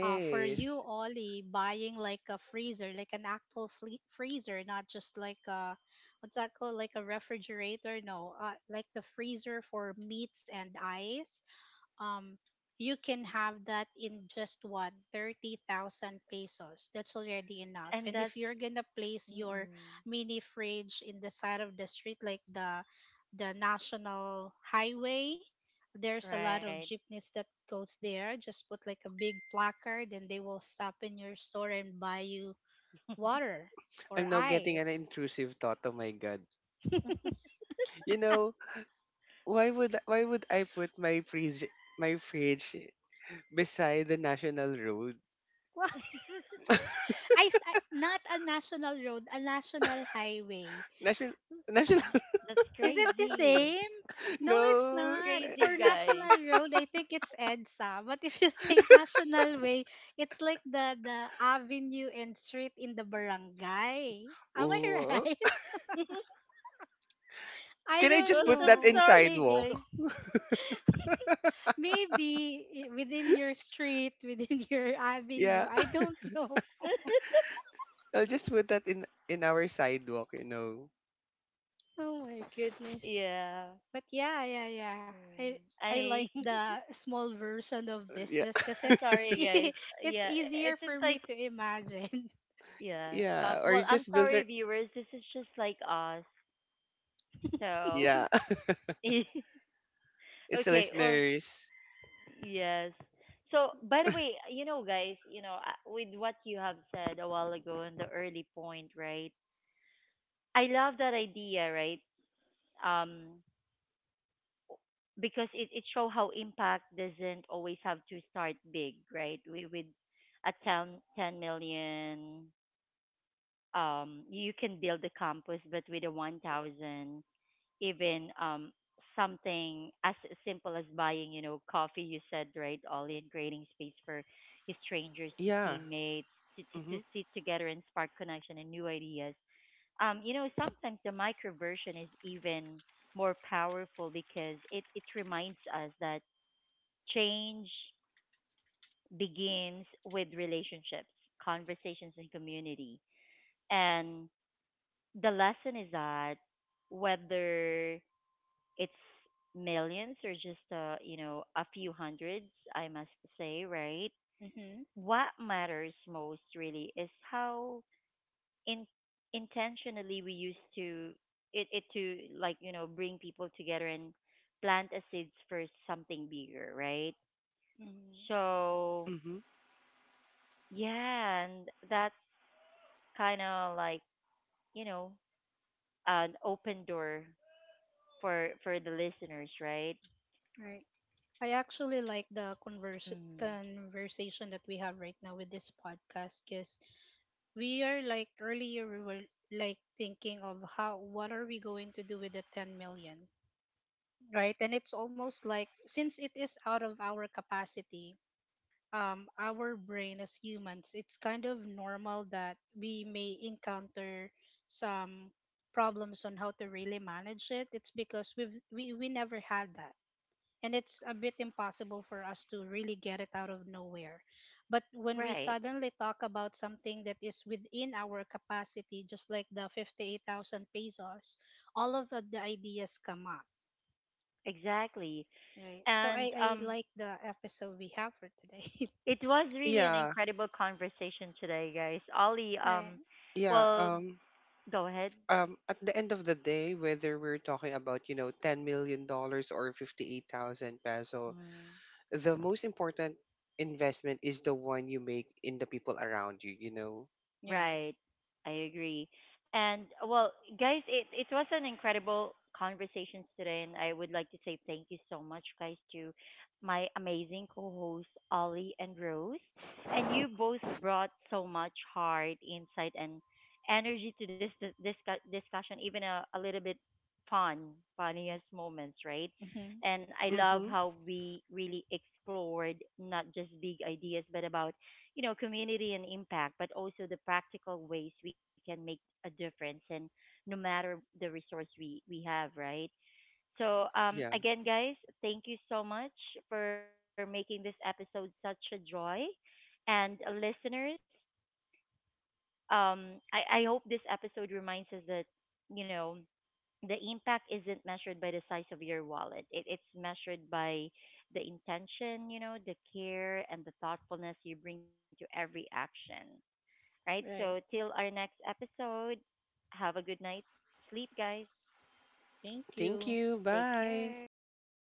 [SPEAKER 2] for you, Ollie, buying like a freezer, like an actual freezer, not just like a, what's that called, like a refrigerator? No, like the freezer for meats and ice. um you can have that in just what 30,000 pesos. That's already enough.
[SPEAKER 1] And
[SPEAKER 2] And if
[SPEAKER 1] that's,
[SPEAKER 2] you're going to place your
[SPEAKER 1] mm-mm,
[SPEAKER 2] mini fridge in the side of the street, like the national highway, there's a lot of
[SPEAKER 1] right.
[SPEAKER 2] jeepneys that goes there. Just put like a big placard and they will stop in your store and buy you water or
[SPEAKER 3] I'm now getting an
[SPEAKER 2] ice.
[SPEAKER 3] intrusive thought. Oh my god. You know, why would I put my fridge beside the national road?
[SPEAKER 2] Well, not a national road, a national highway.
[SPEAKER 3] National national
[SPEAKER 1] Oh, that's
[SPEAKER 2] Is it the
[SPEAKER 1] crazy.
[SPEAKER 2] same? No, it's
[SPEAKER 1] That's
[SPEAKER 3] no.
[SPEAKER 2] not.
[SPEAKER 1] crazy,
[SPEAKER 2] For
[SPEAKER 1] guys.
[SPEAKER 2] National Road, I think it's EDSA. But if you say National Way, it's like the avenue and street in the barangay. Am I
[SPEAKER 3] Oh,
[SPEAKER 2] right? I
[SPEAKER 3] can I
[SPEAKER 1] Oh,
[SPEAKER 2] don't
[SPEAKER 3] just put
[SPEAKER 1] I'm
[SPEAKER 3] that in
[SPEAKER 2] know.
[SPEAKER 1] sorry, guys.
[SPEAKER 3] sidewalk?
[SPEAKER 2] Maybe within your street, within your avenue.
[SPEAKER 3] Yeah.
[SPEAKER 2] I don't know.
[SPEAKER 3] I'll just put that in our sidewalk.
[SPEAKER 2] Oh my goodness.
[SPEAKER 1] Yeah.
[SPEAKER 2] But yeah, yeah, yeah. I
[SPEAKER 1] Mm,
[SPEAKER 2] I like
[SPEAKER 1] I.
[SPEAKER 2] the small version of
[SPEAKER 3] Yeah.
[SPEAKER 2] business because
[SPEAKER 1] I'm
[SPEAKER 2] it's
[SPEAKER 1] sorry, guys.
[SPEAKER 2] it's
[SPEAKER 1] Yeah, it
[SPEAKER 2] easier
[SPEAKER 1] seems
[SPEAKER 2] for
[SPEAKER 1] like,
[SPEAKER 2] me to imagine.
[SPEAKER 1] yeah.
[SPEAKER 3] Yeah, or
[SPEAKER 1] Well,
[SPEAKER 3] you
[SPEAKER 1] I'm
[SPEAKER 3] just build
[SPEAKER 1] sorry,
[SPEAKER 3] a,
[SPEAKER 1] viewers. This is just like us. So.
[SPEAKER 3] yeah.
[SPEAKER 1] Okay.
[SPEAKER 3] It's
[SPEAKER 1] Well.
[SPEAKER 3] listeners.
[SPEAKER 1] Yes. So, by the way, guys, with what you have said a while ago in the early point, right? I love that idea, right? Um, because it shows how impact doesn't always have to start big, right? With a ten million, you can build a campus, but with a 1,000, even something as simple as buying, coffee, you said, right, Ollie, and creating space for strangers to
[SPEAKER 3] Yeah.
[SPEAKER 1] teammates to, to
[SPEAKER 3] Mhm.
[SPEAKER 1] sit together and spark connection and new ideas. Sometimes the micro version is even more powerful because it reminds us that change begins with relationships, conversations, and community. And the lesson is that whether it's millions or just a few hundreds, I must say, right?
[SPEAKER 2] Mm-hmm.
[SPEAKER 1] What matters most really is how in intentionally we used to it to bring people together and plant a seeds for something bigger, right?
[SPEAKER 2] Mm-hmm.
[SPEAKER 1] So,
[SPEAKER 3] Mhm.
[SPEAKER 1] yeah. And that kind of, like you know, an open door for the listeners, right?
[SPEAKER 2] Right. I actually like the converse
[SPEAKER 1] Mm,
[SPEAKER 2] conversation that we have right now with this podcast because, we are like earlier we were like thinking of how what are we going to do with the 10 million, right? And it's almost like since it is out of our capacity, our brain as humans, it's kind of normal that we may encounter some problems on how to really manage it. It's because we never had that, and it's a bit impossible for us to really get it out of nowhere. But when we
[SPEAKER 1] right,
[SPEAKER 2] suddenly talk about something that is within our capacity, just like the 58,000 pesos, all of the ideas come up,
[SPEAKER 1] exactly.
[SPEAKER 2] right? So I,
[SPEAKER 1] And
[SPEAKER 2] I like the episode we have for today.
[SPEAKER 1] it was really an
[SPEAKER 3] Yeah.
[SPEAKER 1] incredible conversation today, guys. Ollie,
[SPEAKER 2] Right,
[SPEAKER 3] Yeah.
[SPEAKER 1] well, go ahead.
[SPEAKER 3] At the end of the day, whether we're talking about, $10 million or 58,000 peso,
[SPEAKER 1] Mm-hmm.
[SPEAKER 3] the most important investment is the one you make in the people around you you know
[SPEAKER 2] right.
[SPEAKER 1] Right. I agree. And well, guys, it was an incredible conversation today, and I would like to say thank you so much, guys, to my amazing co-hosts Ollie and Rose. And you both brought so much heart, insight, and energy to this discussion, even a, little bit fun, funniest moments, right?
[SPEAKER 2] Hmm.
[SPEAKER 1] And I love
[SPEAKER 3] Mm-hmm.
[SPEAKER 1] how we really explored not just big ideas, but about, community and impact, but also the practical ways we can make a difference, and no matter the resource we have, right? So
[SPEAKER 3] Yeah,
[SPEAKER 1] again, guys, thank you so much for making this episode such a joy. And listeners, I, hope this episode reminds us that, you know, the impact isn't measured by the size of your wallet. It, it's measured by the intention, the care and the thoughtfulness you bring to every action. Right? So, till our
[SPEAKER 2] Right.
[SPEAKER 1] next episode, have a good night. Sleep, guys.
[SPEAKER 2] Thank
[SPEAKER 3] thank
[SPEAKER 2] you.
[SPEAKER 1] Take
[SPEAKER 3] you, bye.
[SPEAKER 1] care. Bye.